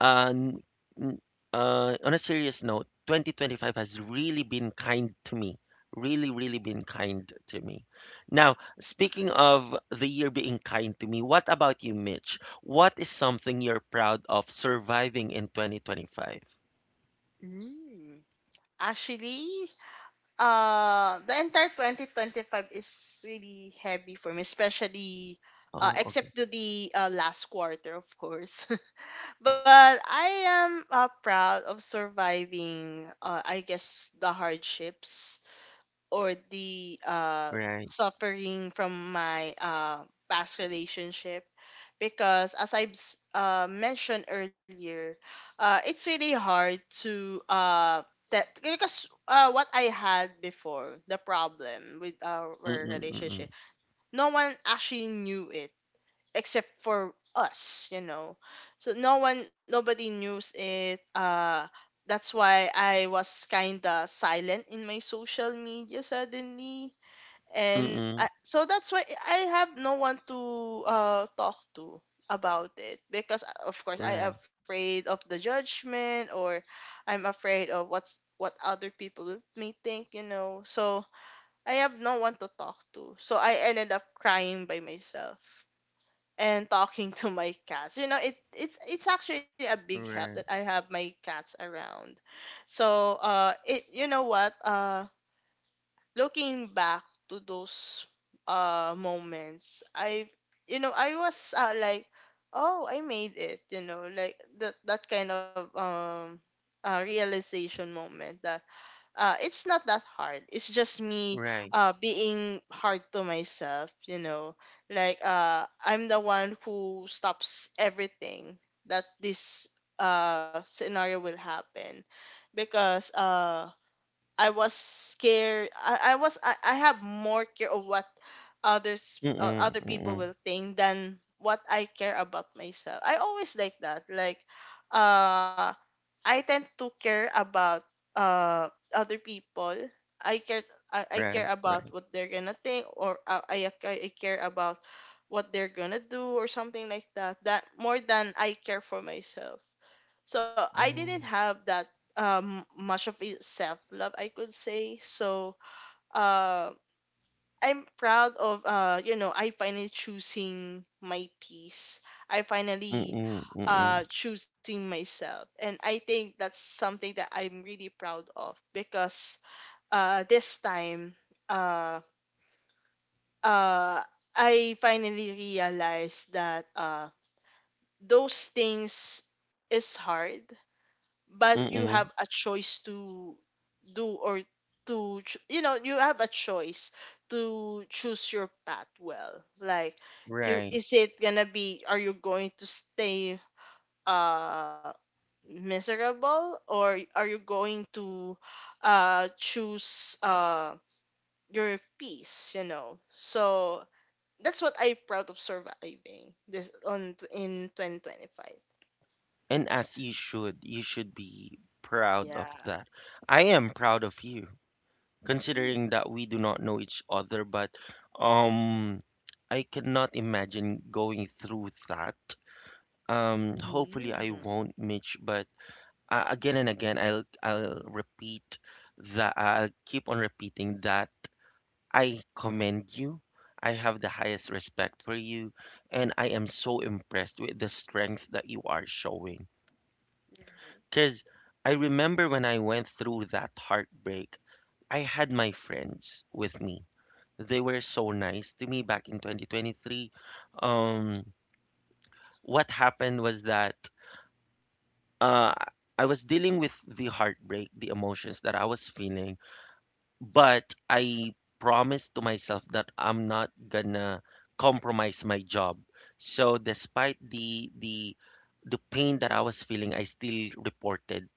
[SPEAKER 1] uh, n- n- uh, on a serious note, twenty twenty-five has really been kind to me. Really, really been kind to me. Now, speaking of the year being kind to me, what about you, Mitch? What is something you're proud of surviving in twenty twenty-five?
[SPEAKER 2] Mm. Actually, uh, the entire twenty twenty-five is really heavy for me, especially
[SPEAKER 1] Oh,
[SPEAKER 2] uh,
[SPEAKER 1] okay.
[SPEAKER 2] except to the uh, last quarter, of course. But I am uh, proud of surviving, uh, I guess, the hardships or the uh,
[SPEAKER 1] Right.
[SPEAKER 2] suffering from my uh, past relationship because as i've s- uh, mentioned earlier, uh, it's really hard to uh, that because uh, what I had before, the problem with our
[SPEAKER 1] Mm-mm, mm-mm,
[SPEAKER 2] relationship, no one actually knew it except for us, you know. So no one nobody knew it, uh that's why I was kind of silent in my social media suddenly. and
[SPEAKER 1] mm-mm,
[SPEAKER 2] I, so that's why I have no one to uh talk to about it because, uh, of course, I'm
[SPEAKER 1] right,
[SPEAKER 2] afraid of the judgment, or I'm afraid of what's what other people may think, you know. So I have no one to talk to, so I ended up crying by myself and talking to my cats. You know, it it's it's actually a big help that I
[SPEAKER 1] right,
[SPEAKER 2] have my cats around. So uh it you know what? Uh looking back to those uh moments, I, you know, I was, uh, like, oh, I made it, you know, like that that kind of um uh realization moment that, uh, it's not that hard. It's just me
[SPEAKER 1] right.
[SPEAKER 2] uh, being hard to myself, you know. Like, uh, I'm the one who stops everything that this uh, scenario will happen because, uh, I was scared. I, I was I, I have more care of what others, uh,
[SPEAKER 1] Mm-mm,
[SPEAKER 2] other people
[SPEAKER 1] mm-mm,
[SPEAKER 2] will think than what I care about myself. I always like that. Like, uh I tend to care about uh other people. I care I, I care
[SPEAKER 1] right,
[SPEAKER 2] about
[SPEAKER 1] right.
[SPEAKER 2] what they're gonna think, or, uh, I I I care about what they're gonna do or something like that. That more than I care for myself. So I didn't
[SPEAKER 1] Oh,
[SPEAKER 2] have that um much of a self love, I could say. So um I'm proud of, uh you know, I finally choosing my peace. I finally
[SPEAKER 1] mm-mm, mm-mm,
[SPEAKER 2] uh choosing myself, and I think that's something that I'm really proud of because, uh this time, uh uh I finally realized that, uh those things is hard, but you have
[SPEAKER 1] mm-mm,
[SPEAKER 2] a choice to do, or to ch- you know, you have a choice to choose your path well. Like, you
[SPEAKER 1] right.
[SPEAKER 2] is it gonna be, are you going to stay uh miserable, or are you going to uh choose uh your peace, you know. So that's what I'm proud of surviving this on in twenty twenty-five.
[SPEAKER 1] And as you should, you should be proud of
[SPEAKER 2] Yeah.
[SPEAKER 1] that. I am proud of you, considering
[SPEAKER 2] Mm.
[SPEAKER 1] that we do not know each other, but um I cannot imagine going through that. Um hopefully I
[SPEAKER 2] Mm.
[SPEAKER 1] won't, Mitch, but uh, again and again I'll I'll repeat that I'll keep on repeating that I commend you. I have the highest respect for you, and I am so impressed with the strength that you are showing. Because I remember when I went through that heartbreak, I had my friends with me. They were so nice to me back in twenty twenty-three. Um, what happened was that uh, I was dealing with the heartbreak, the emotions that I was feeling, but I promised to myself that I'm not gonna compromise my job. So despite the the the pain that I was feeling, I still reported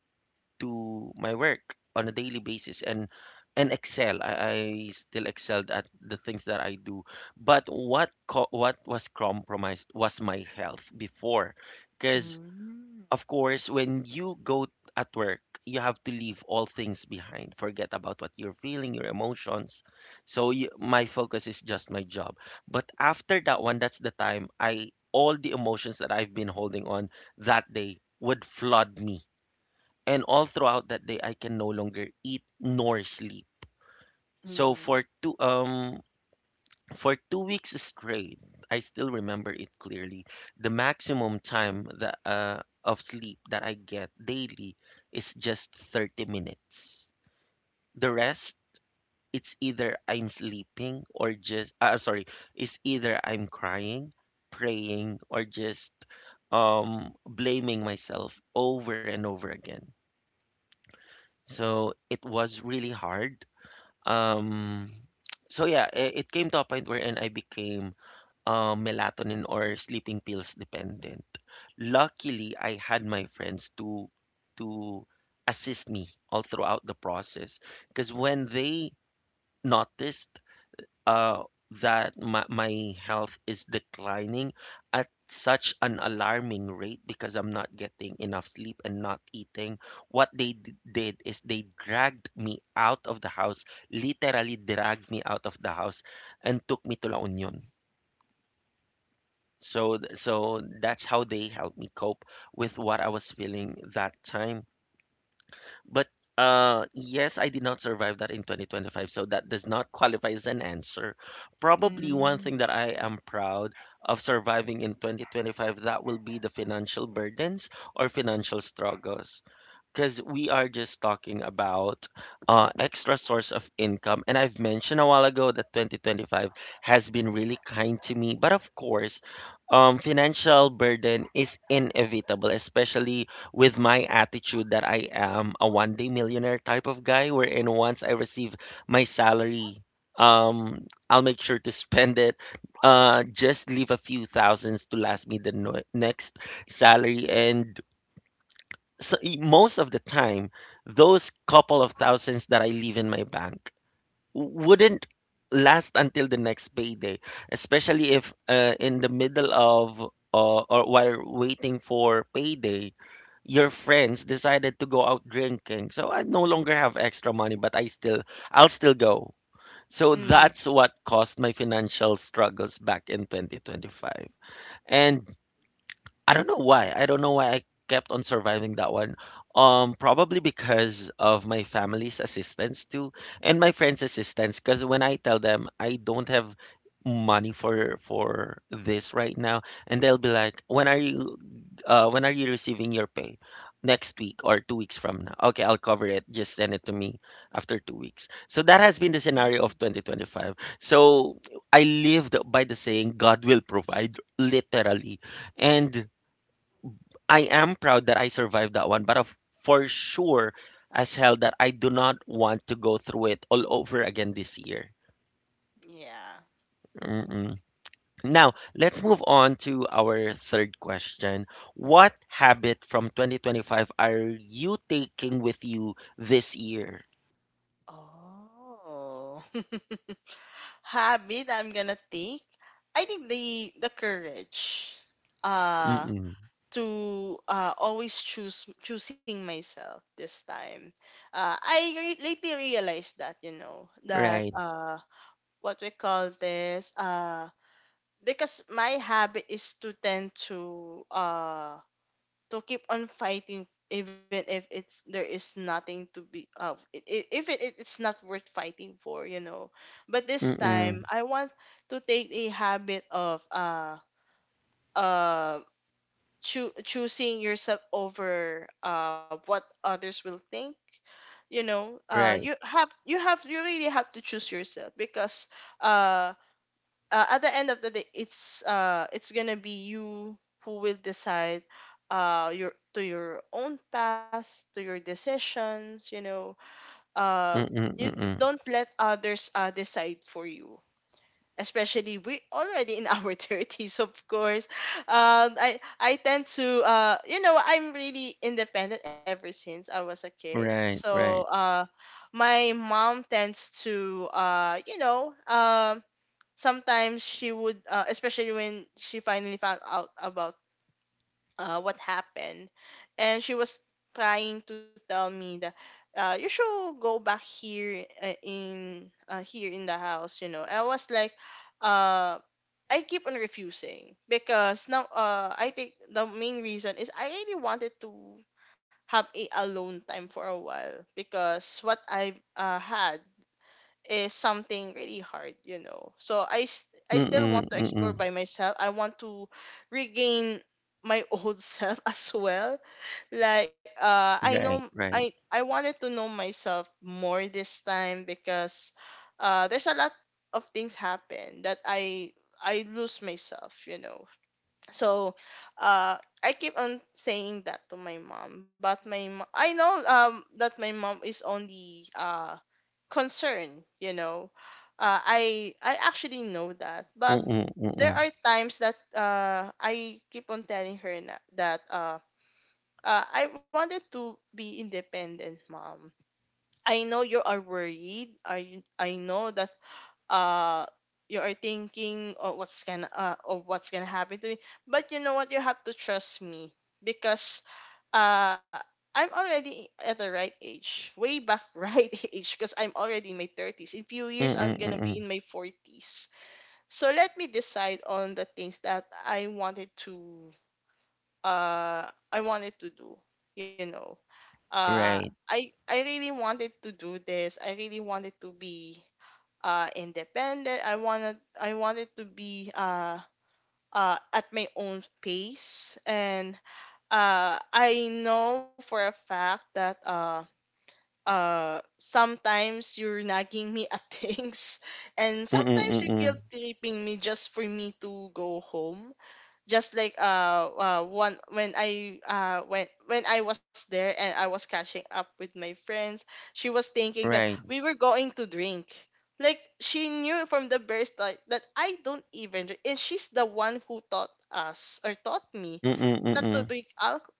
[SPEAKER 1] to my work on a daily basis and and excel. I, I still excelled at the things that I do. But what co- what was compromised was my health before, because
[SPEAKER 2] Mhm.
[SPEAKER 1] of course when you go at work, you have to leave all things behind. Forget about what you're feeling, your emotions. So you, my focus is just my job. But after that one, that's the time I all the emotions that I've been holding on that day would flood me, and all throughout that day I can no longer eat nor sleep. So
[SPEAKER 2] Mm.
[SPEAKER 1] for two um for two weeks straight, I still remember it clearly. The maximum time that uh, of sleep that I get daily is just thirty minutes. The rest, it's either I'm sleeping or just uh, sorry, it's either I'm crying, praying, or just um blaming myself over and over again. So it was really hard. Um, so yeah, i- it came to a point wherein I became um, melatonin or sleeping pills dependent. Luckily, I had my friends to to assist me all throughout the process because when they noticed uh, that my, my health is declining at such an alarming rate because I'm not getting enough sleep and not eating. What they d- did is they dragged me out of the house, literally dragged me out of the house, and took me to La Union. So, th- so that's how they helped me cope with what I was feeling that time. But uh, yes, I did not survive that in twenty twenty-five, so that does not qualify as an answer.
[SPEAKER 2] Mhm.
[SPEAKER 1] Probably one thing
[SPEAKER 2] Mm.
[SPEAKER 1] that I am proud of surviving in twenty twenty-five, that will be the financial burdens or financial struggles, because we are just talking about uh, extra source of income. And I've mentioned a while ago that twenty twenty-five has been really kind to me. But of course, um, financial burden is inevitable, especially with my attitude that I am a one day millionaire type of guy, wherein once I receive my salary, um, I'll make sure to spend it. Uh, just leave a few thousands to last me the no- next salary. And so, e- most of the time, those couple of thousands that I leave in my bank wouldn't last until the next payday, especially if uh, in the middle of, uh, or while waiting for payday, your friends decided to go out drinking. So I no longer have extra money, but I still I'll still go. So
[SPEAKER 2] Mhm.
[SPEAKER 1] that's what caused my financial struggles back in twenty twenty-five. And I don't know why. I don't know why I kept on surviving that one. Um, probably because of my family's assistance too, and my friends' assistance. Because when I tell them I don't have money for for this right now, and they'll be like, "When are you, uh, when are you receiving your pay? Next week or two weeks from now? Okay, I'll cover it. Just send it to me after two weeks." So that has been the scenario
[SPEAKER 2] Mm.
[SPEAKER 1] of twenty twenty-five. So I lived by the saying, "God will provide," literally, and I am proud that I survived that one, but of, for sure as hell that I do not want to go through it all over again this year.
[SPEAKER 2] Yeah.
[SPEAKER 1] Mm-mm. Now, let's move on to our third question. What habit from twenty twenty-five are you taking with you this year?
[SPEAKER 2] Oh. Habit I'm gonna take. I think the the courage uh
[SPEAKER 1] Mm-mm.
[SPEAKER 2] to uh always choose choosing myself this time. Uh I re- lately realized that, you know, that,
[SPEAKER 1] Right.
[SPEAKER 2] uh what we call this, uh because my habit is to tend to, uh to keep on fighting even if it's there is nothing to be of, uh i- i- if it, it- it's not worth fighting for, you know. But this
[SPEAKER 1] Mm-mm.
[SPEAKER 2] time I want to take a habit of, uh uh choo- choosing yourself over, uh what others will think, you know. Uh you
[SPEAKER 1] Right.
[SPEAKER 2] have, you have you really have to choose yourself because, uh uh, at the end of the day, it's uh it's gonna be you who will decide, uh your to your own path, to your decisions, you know. uh
[SPEAKER 1] Mm-mm.
[SPEAKER 2] you
[SPEAKER 1] Mm-mm.
[SPEAKER 2] don't let others uh decide for you, especially we already in our thirties, of course. Um i i tend to, uh you know, I'm really independent ever since I was a kid.
[SPEAKER 1] Right.
[SPEAKER 2] So,
[SPEAKER 1] Right.
[SPEAKER 2] uh my mom tends to, uh you know, um sometimes she would, uh, especially when she finally found out about, uh, what happened, and she was trying to tell me that, uh, you should go back here, uh, in uh, here in the house. You know, I was like, uh, I keep on refusing because, now, uh, I think the main reason is I really wanted to have a alone time for a while because what I, uh, had is something really hard, you know. So I s- I still want
[SPEAKER 1] Mm-mm.
[SPEAKER 2] to explore
[SPEAKER 1] Mm-mm.
[SPEAKER 2] by myself. I want to regain my old self as well. Like, uh I know
[SPEAKER 1] Right.
[SPEAKER 2] I
[SPEAKER 1] Right.
[SPEAKER 2] I wanted to know myself more this time because, uh there's a lot of things happen that I I lose myself, you know. So, uh I keep on saying that to my mom, but my mo- I know um that my mom is only uh concern, you know. Uh, i i actually know that, but
[SPEAKER 1] Mm-mm.
[SPEAKER 2] there
[SPEAKER 1] Mm-mm.
[SPEAKER 2] are times that, uh, i keep on telling her na- that, uh, uh, I wanted to be independent, Mom. I know you are worried. I i know that, uh you are thinking of what's gonna, uh, of what's gonna happen to me. But you know what, you have to trust me because, uh I'm already at the right age, way back right age, because I'm already in my thirties. In few years,
[SPEAKER 1] Mm-mm.
[SPEAKER 2] I'm gonna be
[SPEAKER 1] Mm-mm.
[SPEAKER 2] in my forties. So let me decide on the things that I wanted to, uh, I wanted to do. You know, uh,
[SPEAKER 1] Right.
[SPEAKER 2] I I really wanted to do this. I really wanted to be uh independent. I wanted I wanted to be uh uh at my own pace. And, uh, I know for a fact that, uh, uh sometimes you're nagging me at things, and
[SPEAKER 1] Mm-mm.
[SPEAKER 2] sometimes you're guilt
[SPEAKER 1] Mm-mm.
[SPEAKER 2] tripping me just for me to go home. Just like, uh, uh one when I uh when when I was there and I was catching up with my friends, she was thinking that we
[SPEAKER 1] Right.
[SPEAKER 2] were going to drink. Like, she knew from the very start that I don't even drink, and she's the one who taught us or taught me
[SPEAKER 1] Mm,
[SPEAKER 2] not to
[SPEAKER 1] mm.
[SPEAKER 2] drink alcohol,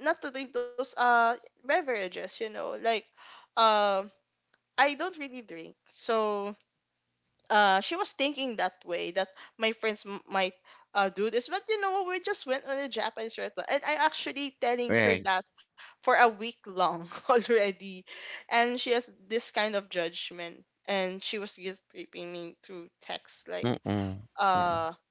[SPEAKER 2] not to drink those uh beverages, you know. Like, um I don't really drink. So, uh she was thinking that way, that my friends m- might, uh, do this. But you know what, we just went on a Japanese restaurant, and I actually telling her
[SPEAKER 1] Right.
[SPEAKER 2] that for a week long already. And she has this kind of judgment, and she was guilt tripping me through text
[SPEAKER 1] Mm,
[SPEAKER 2] like,
[SPEAKER 1] mm.
[SPEAKER 2] uh,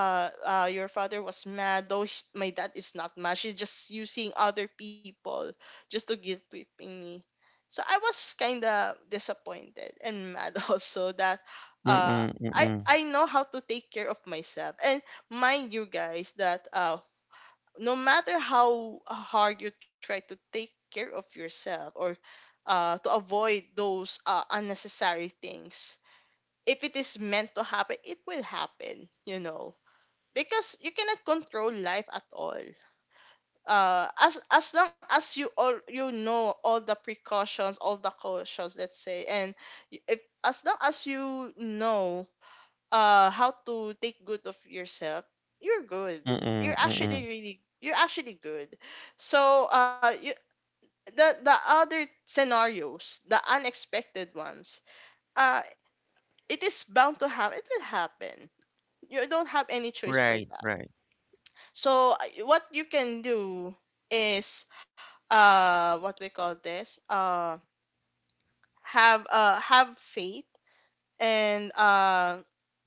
[SPEAKER 2] uh, uh, your father was mad, though sh my dad is not mad. She's just using other people just to guilt tripping me. So I was kind of disappointed and mad also that,
[SPEAKER 1] Mm,
[SPEAKER 2] uh,
[SPEAKER 1] mm,
[SPEAKER 2] I
[SPEAKER 1] mm.
[SPEAKER 2] I know how to take care of myself. And mind you guys that, uh, no matter how hard you try to take care of yourself, or, uh, to avoid those, uh, unnecessary things, if it is meant to happen, it will happen, you know, because you cannot control life at all. Uh as as long as you, all you know, all the precautions, all the cautions, let's say. And y- if, as long as you know, uh how to take good of yourself, you're good. You're
[SPEAKER 1] Mm,
[SPEAKER 2] actually
[SPEAKER 1] mm.
[SPEAKER 2] really you're actually good. So, uh you, the the other scenarios, the unexpected ones, uh it is bound to happen, it will happen. You don't have any choice for
[SPEAKER 1] Right,
[SPEAKER 2] that.
[SPEAKER 1] right.
[SPEAKER 2] So I- what you can do is, uh what we call this uh have, uh have faith. And, uh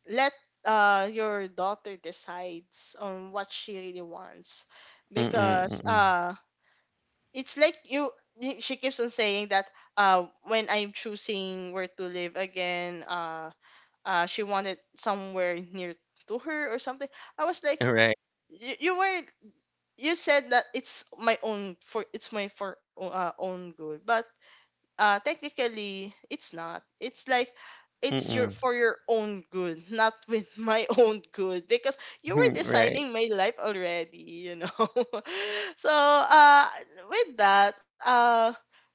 [SPEAKER 2] let, uh your daughter decides on what she really wants
[SPEAKER 1] Mm,
[SPEAKER 2] because,
[SPEAKER 1] mm.
[SPEAKER 2] uh it's like, you, y- she keeps on saying that, uh when I'm choosing where to live again, uh uh she wanted somewhere near to her or something. I was like,
[SPEAKER 1] Right.
[SPEAKER 2] you, you were, you said that it's my own for it's my for, uh, own good, but, uh technically it's not. It's like, it's your
[SPEAKER 1] Mm.
[SPEAKER 2] for your own good, not with my own good, because you were
[SPEAKER 1] Right.
[SPEAKER 2] deciding my life already, you know. So, uh with that uh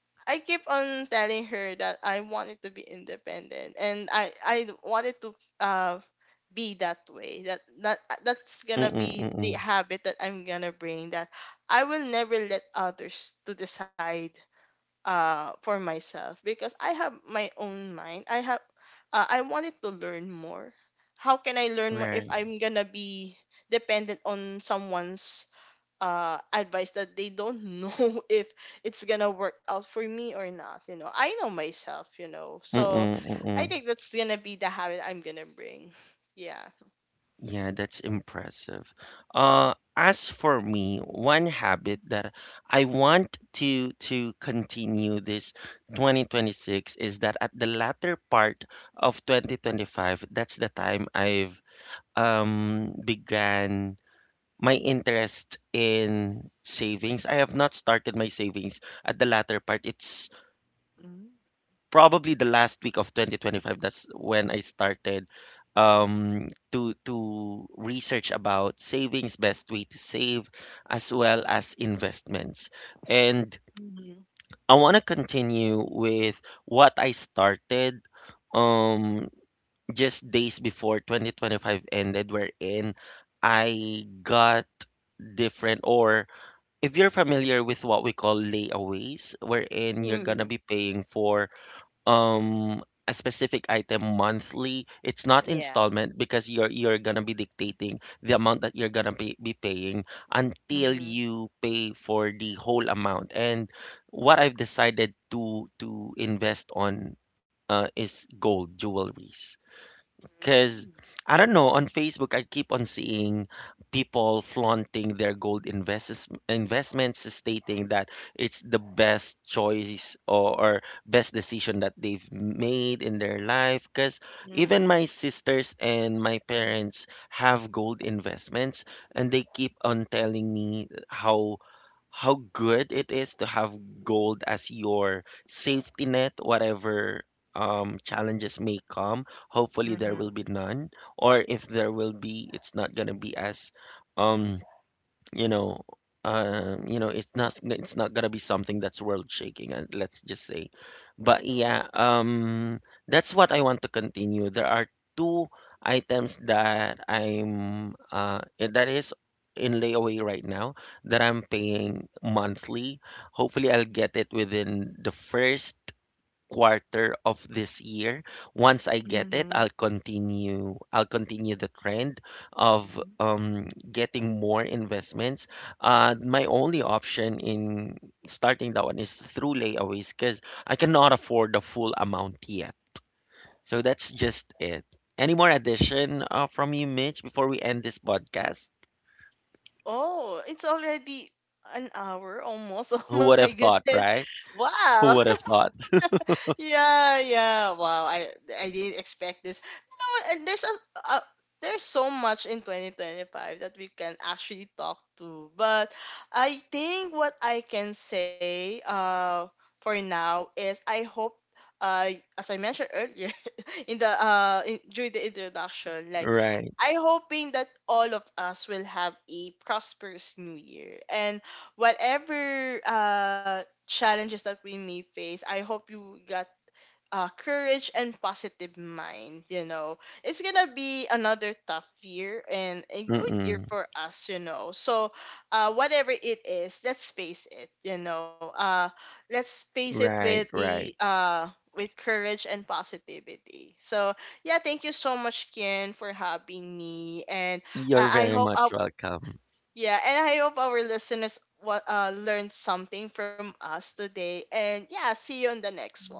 [SPEAKER 2] I keep on telling her that I wanted to be independent, and I I wanted to uh be that way. That that that's gonna
[SPEAKER 1] Mm,
[SPEAKER 2] be the
[SPEAKER 1] mm.
[SPEAKER 2] habit that I'm gonna bring, that I will never let others to decide uh for myself, because I have my own mind. I have, uh, I wanted to learn more. How can I learn more if
[SPEAKER 1] Right.
[SPEAKER 2] I'm gonna be dependent on someone's uh advice that they don't know if it's gonna work out for me or not. You know, I know myself, you know.
[SPEAKER 1] Mm,
[SPEAKER 2] So I
[SPEAKER 1] mm.
[SPEAKER 2] think that's gonna be the habit I'm gonna bring. Yeah.
[SPEAKER 1] Yeah, that's impressive. Uh, as for me, one habit that I want to to continue this twenty twenty-six is that at the latter part of twenty twenty-five, that's the time I've um began my interest in savings. I have not started my savings at the latter part. It's
[SPEAKER 2] Mm-hmm.
[SPEAKER 1] probably the last week of twenty twenty-five. That's when I started um to to research about savings, best way to save, as well as investments. And I want to continue with what I started um just days before twenty twenty-five ended, wherein I got different, or if you're familiar with what we call layaways, wherein you're gonna
[SPEAKER 2] Hmm.
[SPEAKER 1] be paying for um a specific item monthly. It's not
[SPEAKER 2] Yeah.
[SPEAKER 1] installment because you're you're gonna be dictating the amount that you're gonna be, be paying until
[SPEAKER 2] Mm-hmm.
[SPEAKER 1] you pay for the whole amount. And what I've decided to to invest on, uh, is gold jewelries. Because I don't know, on Facebook, I keep on seeing people flaunting their gold invests investments, stating that it's the best choice, or, or best decision that they've made in their life. Because even
[SPEAKER 2] Mm-hmm.
[SPEAKER 1] my sisters and my parents have gold investments, and they keep on telling me how how good it is to have gold as your safety net, whatever um, challenges may come. Hopefully there will be none, or if there will be, it's not gonna be as um you know uh you know it's not it's not gonna be something that's world shaking. Uh, let's just say, but yeah, um that's what I want to continue. There are two items that I'm uh that is in layaway right now that I'm paying monthly. Hopefully I'll get it within the first quarter of this year. Once I get it, I'll
[SPEAKER 2] Mm-hmm.
[SPEAKER 1] continue I'll continue the trend of
[SPEAKER 2] Mm-hmm.
[SPEAKER 1] um, getting more investments. Uh, my only option in starting that one is through layaways because I cannot afford the full amount yet. So that's just it. Any more addition uh, from you, Mitch, before we end this podcast?
[SPEAKER 2] Oh, it's already an hour almost. Oh
[SPEAKER 1] Who would have
[SPEAKER 2] my
[SPEAKER 1] thought,
[SPEAKER 2] goodness.
[SPEAKER 1] right? Who
[SPEAKER 2] Wow.
[SPEAKER 1] would have thought?
[SPEAKER 2] Yeah, yeah. Wow, I I didn't expect this. You know what? And there's a, a there's so much in twenty twenty-five that we can actually talk to. But I think what I can say, uh for now, is I hope, uh as I mentioned earlier in the uh in, during the introduction, like,
[SPEAKER 1] Right.
[SPEAKER 2] I hoping that all of us will have a prosperous new year, and whatever uh challenges that we may face, I hope you got, uh, courage and positive mind. You know, it's gonna be another tough year and a good year
[SPEAKER 1] Mm-mm.
[SPEAKER 2] for us. You know, so, uh, whatever it is, let's face it. You know, uh, let's face it with
[SPEAKER 1] Right,
[SPEAKER 2] a
[SPEAKER 1] right.
[SPEAKER 2] uh with courage and positivity. So yeah, thank you so much, Kian, for having me, and
[SPEAKER 1] You're
[SPEAKER 2] I, I
[SPEAKER 1] very
[SPEAKER 2] hope
[SPEAKER 1] much
[SPEAKER 2] our
[SPEAKER 1] welcome.
[SPEAKER 2] yeah, and I hope our listeners. What uh learned something from us today, and yeah, see you on the next one.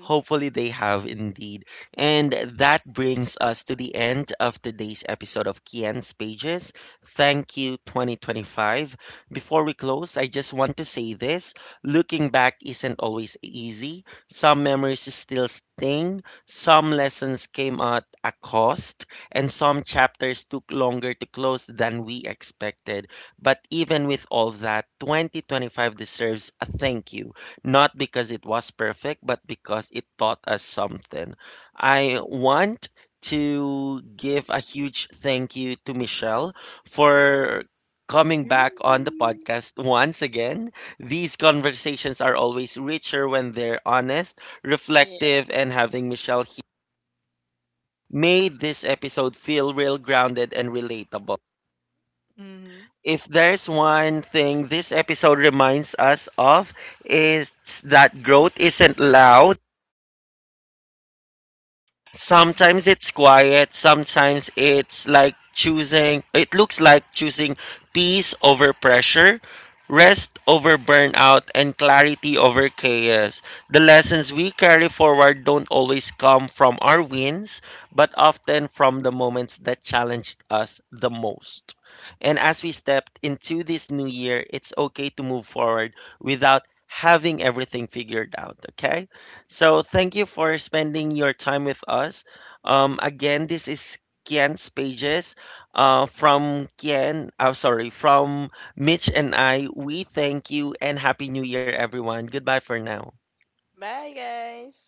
[SPEAKER 1] Hopefully, they have indeed. And that brings us to the end of today's episode of Kian's Pages. Thank you, twenty twenty-five. Before we close, I just want to say this: looking back isn't always easy. Some memories still sting, some lessons came at a cost, and some chapters took longer to close than we expected. But even with all that, twenty twenty-five deserves a thank you. Not because it was perfect, but because it taught us something. I want to give a huge thank you to Michelle for coming
[SPEAKER 2] Bye.
[SPEAKER 1] back on the podcast once again. These conversations are always richer when they're honest,
[SPEAKER 2] Yeah.
[SPEAKER 1] reflective, and having Michelle here made this episode feel real, grounded, and relatable.
[SPEAKER 2] Hmm.
[SPEAKER 1] If there's one thing this episode reminds us of, is that growth isn't loud.
[SPEAKER 2] Hmm.
[SPEAKER 1] Sometimes it's quiet, sometimes it's like choosing, it looks like choosing peace over pressure, rest over burnout, and clarity over chaos. The lessons we carry forward don't always come from our wins, but often from the moments that challenged us the most. And as we step into this new year, it's okay to move forward without having everything figured out, okay? So thank you for spending your time with us. Um, again, this is Kian's pages. Uh, from Kian, I'm sorry, from Mitch and I. We thank you and happy New Year, everyone. Goodbye for now.
[SPEAKER 2] Bye, guys.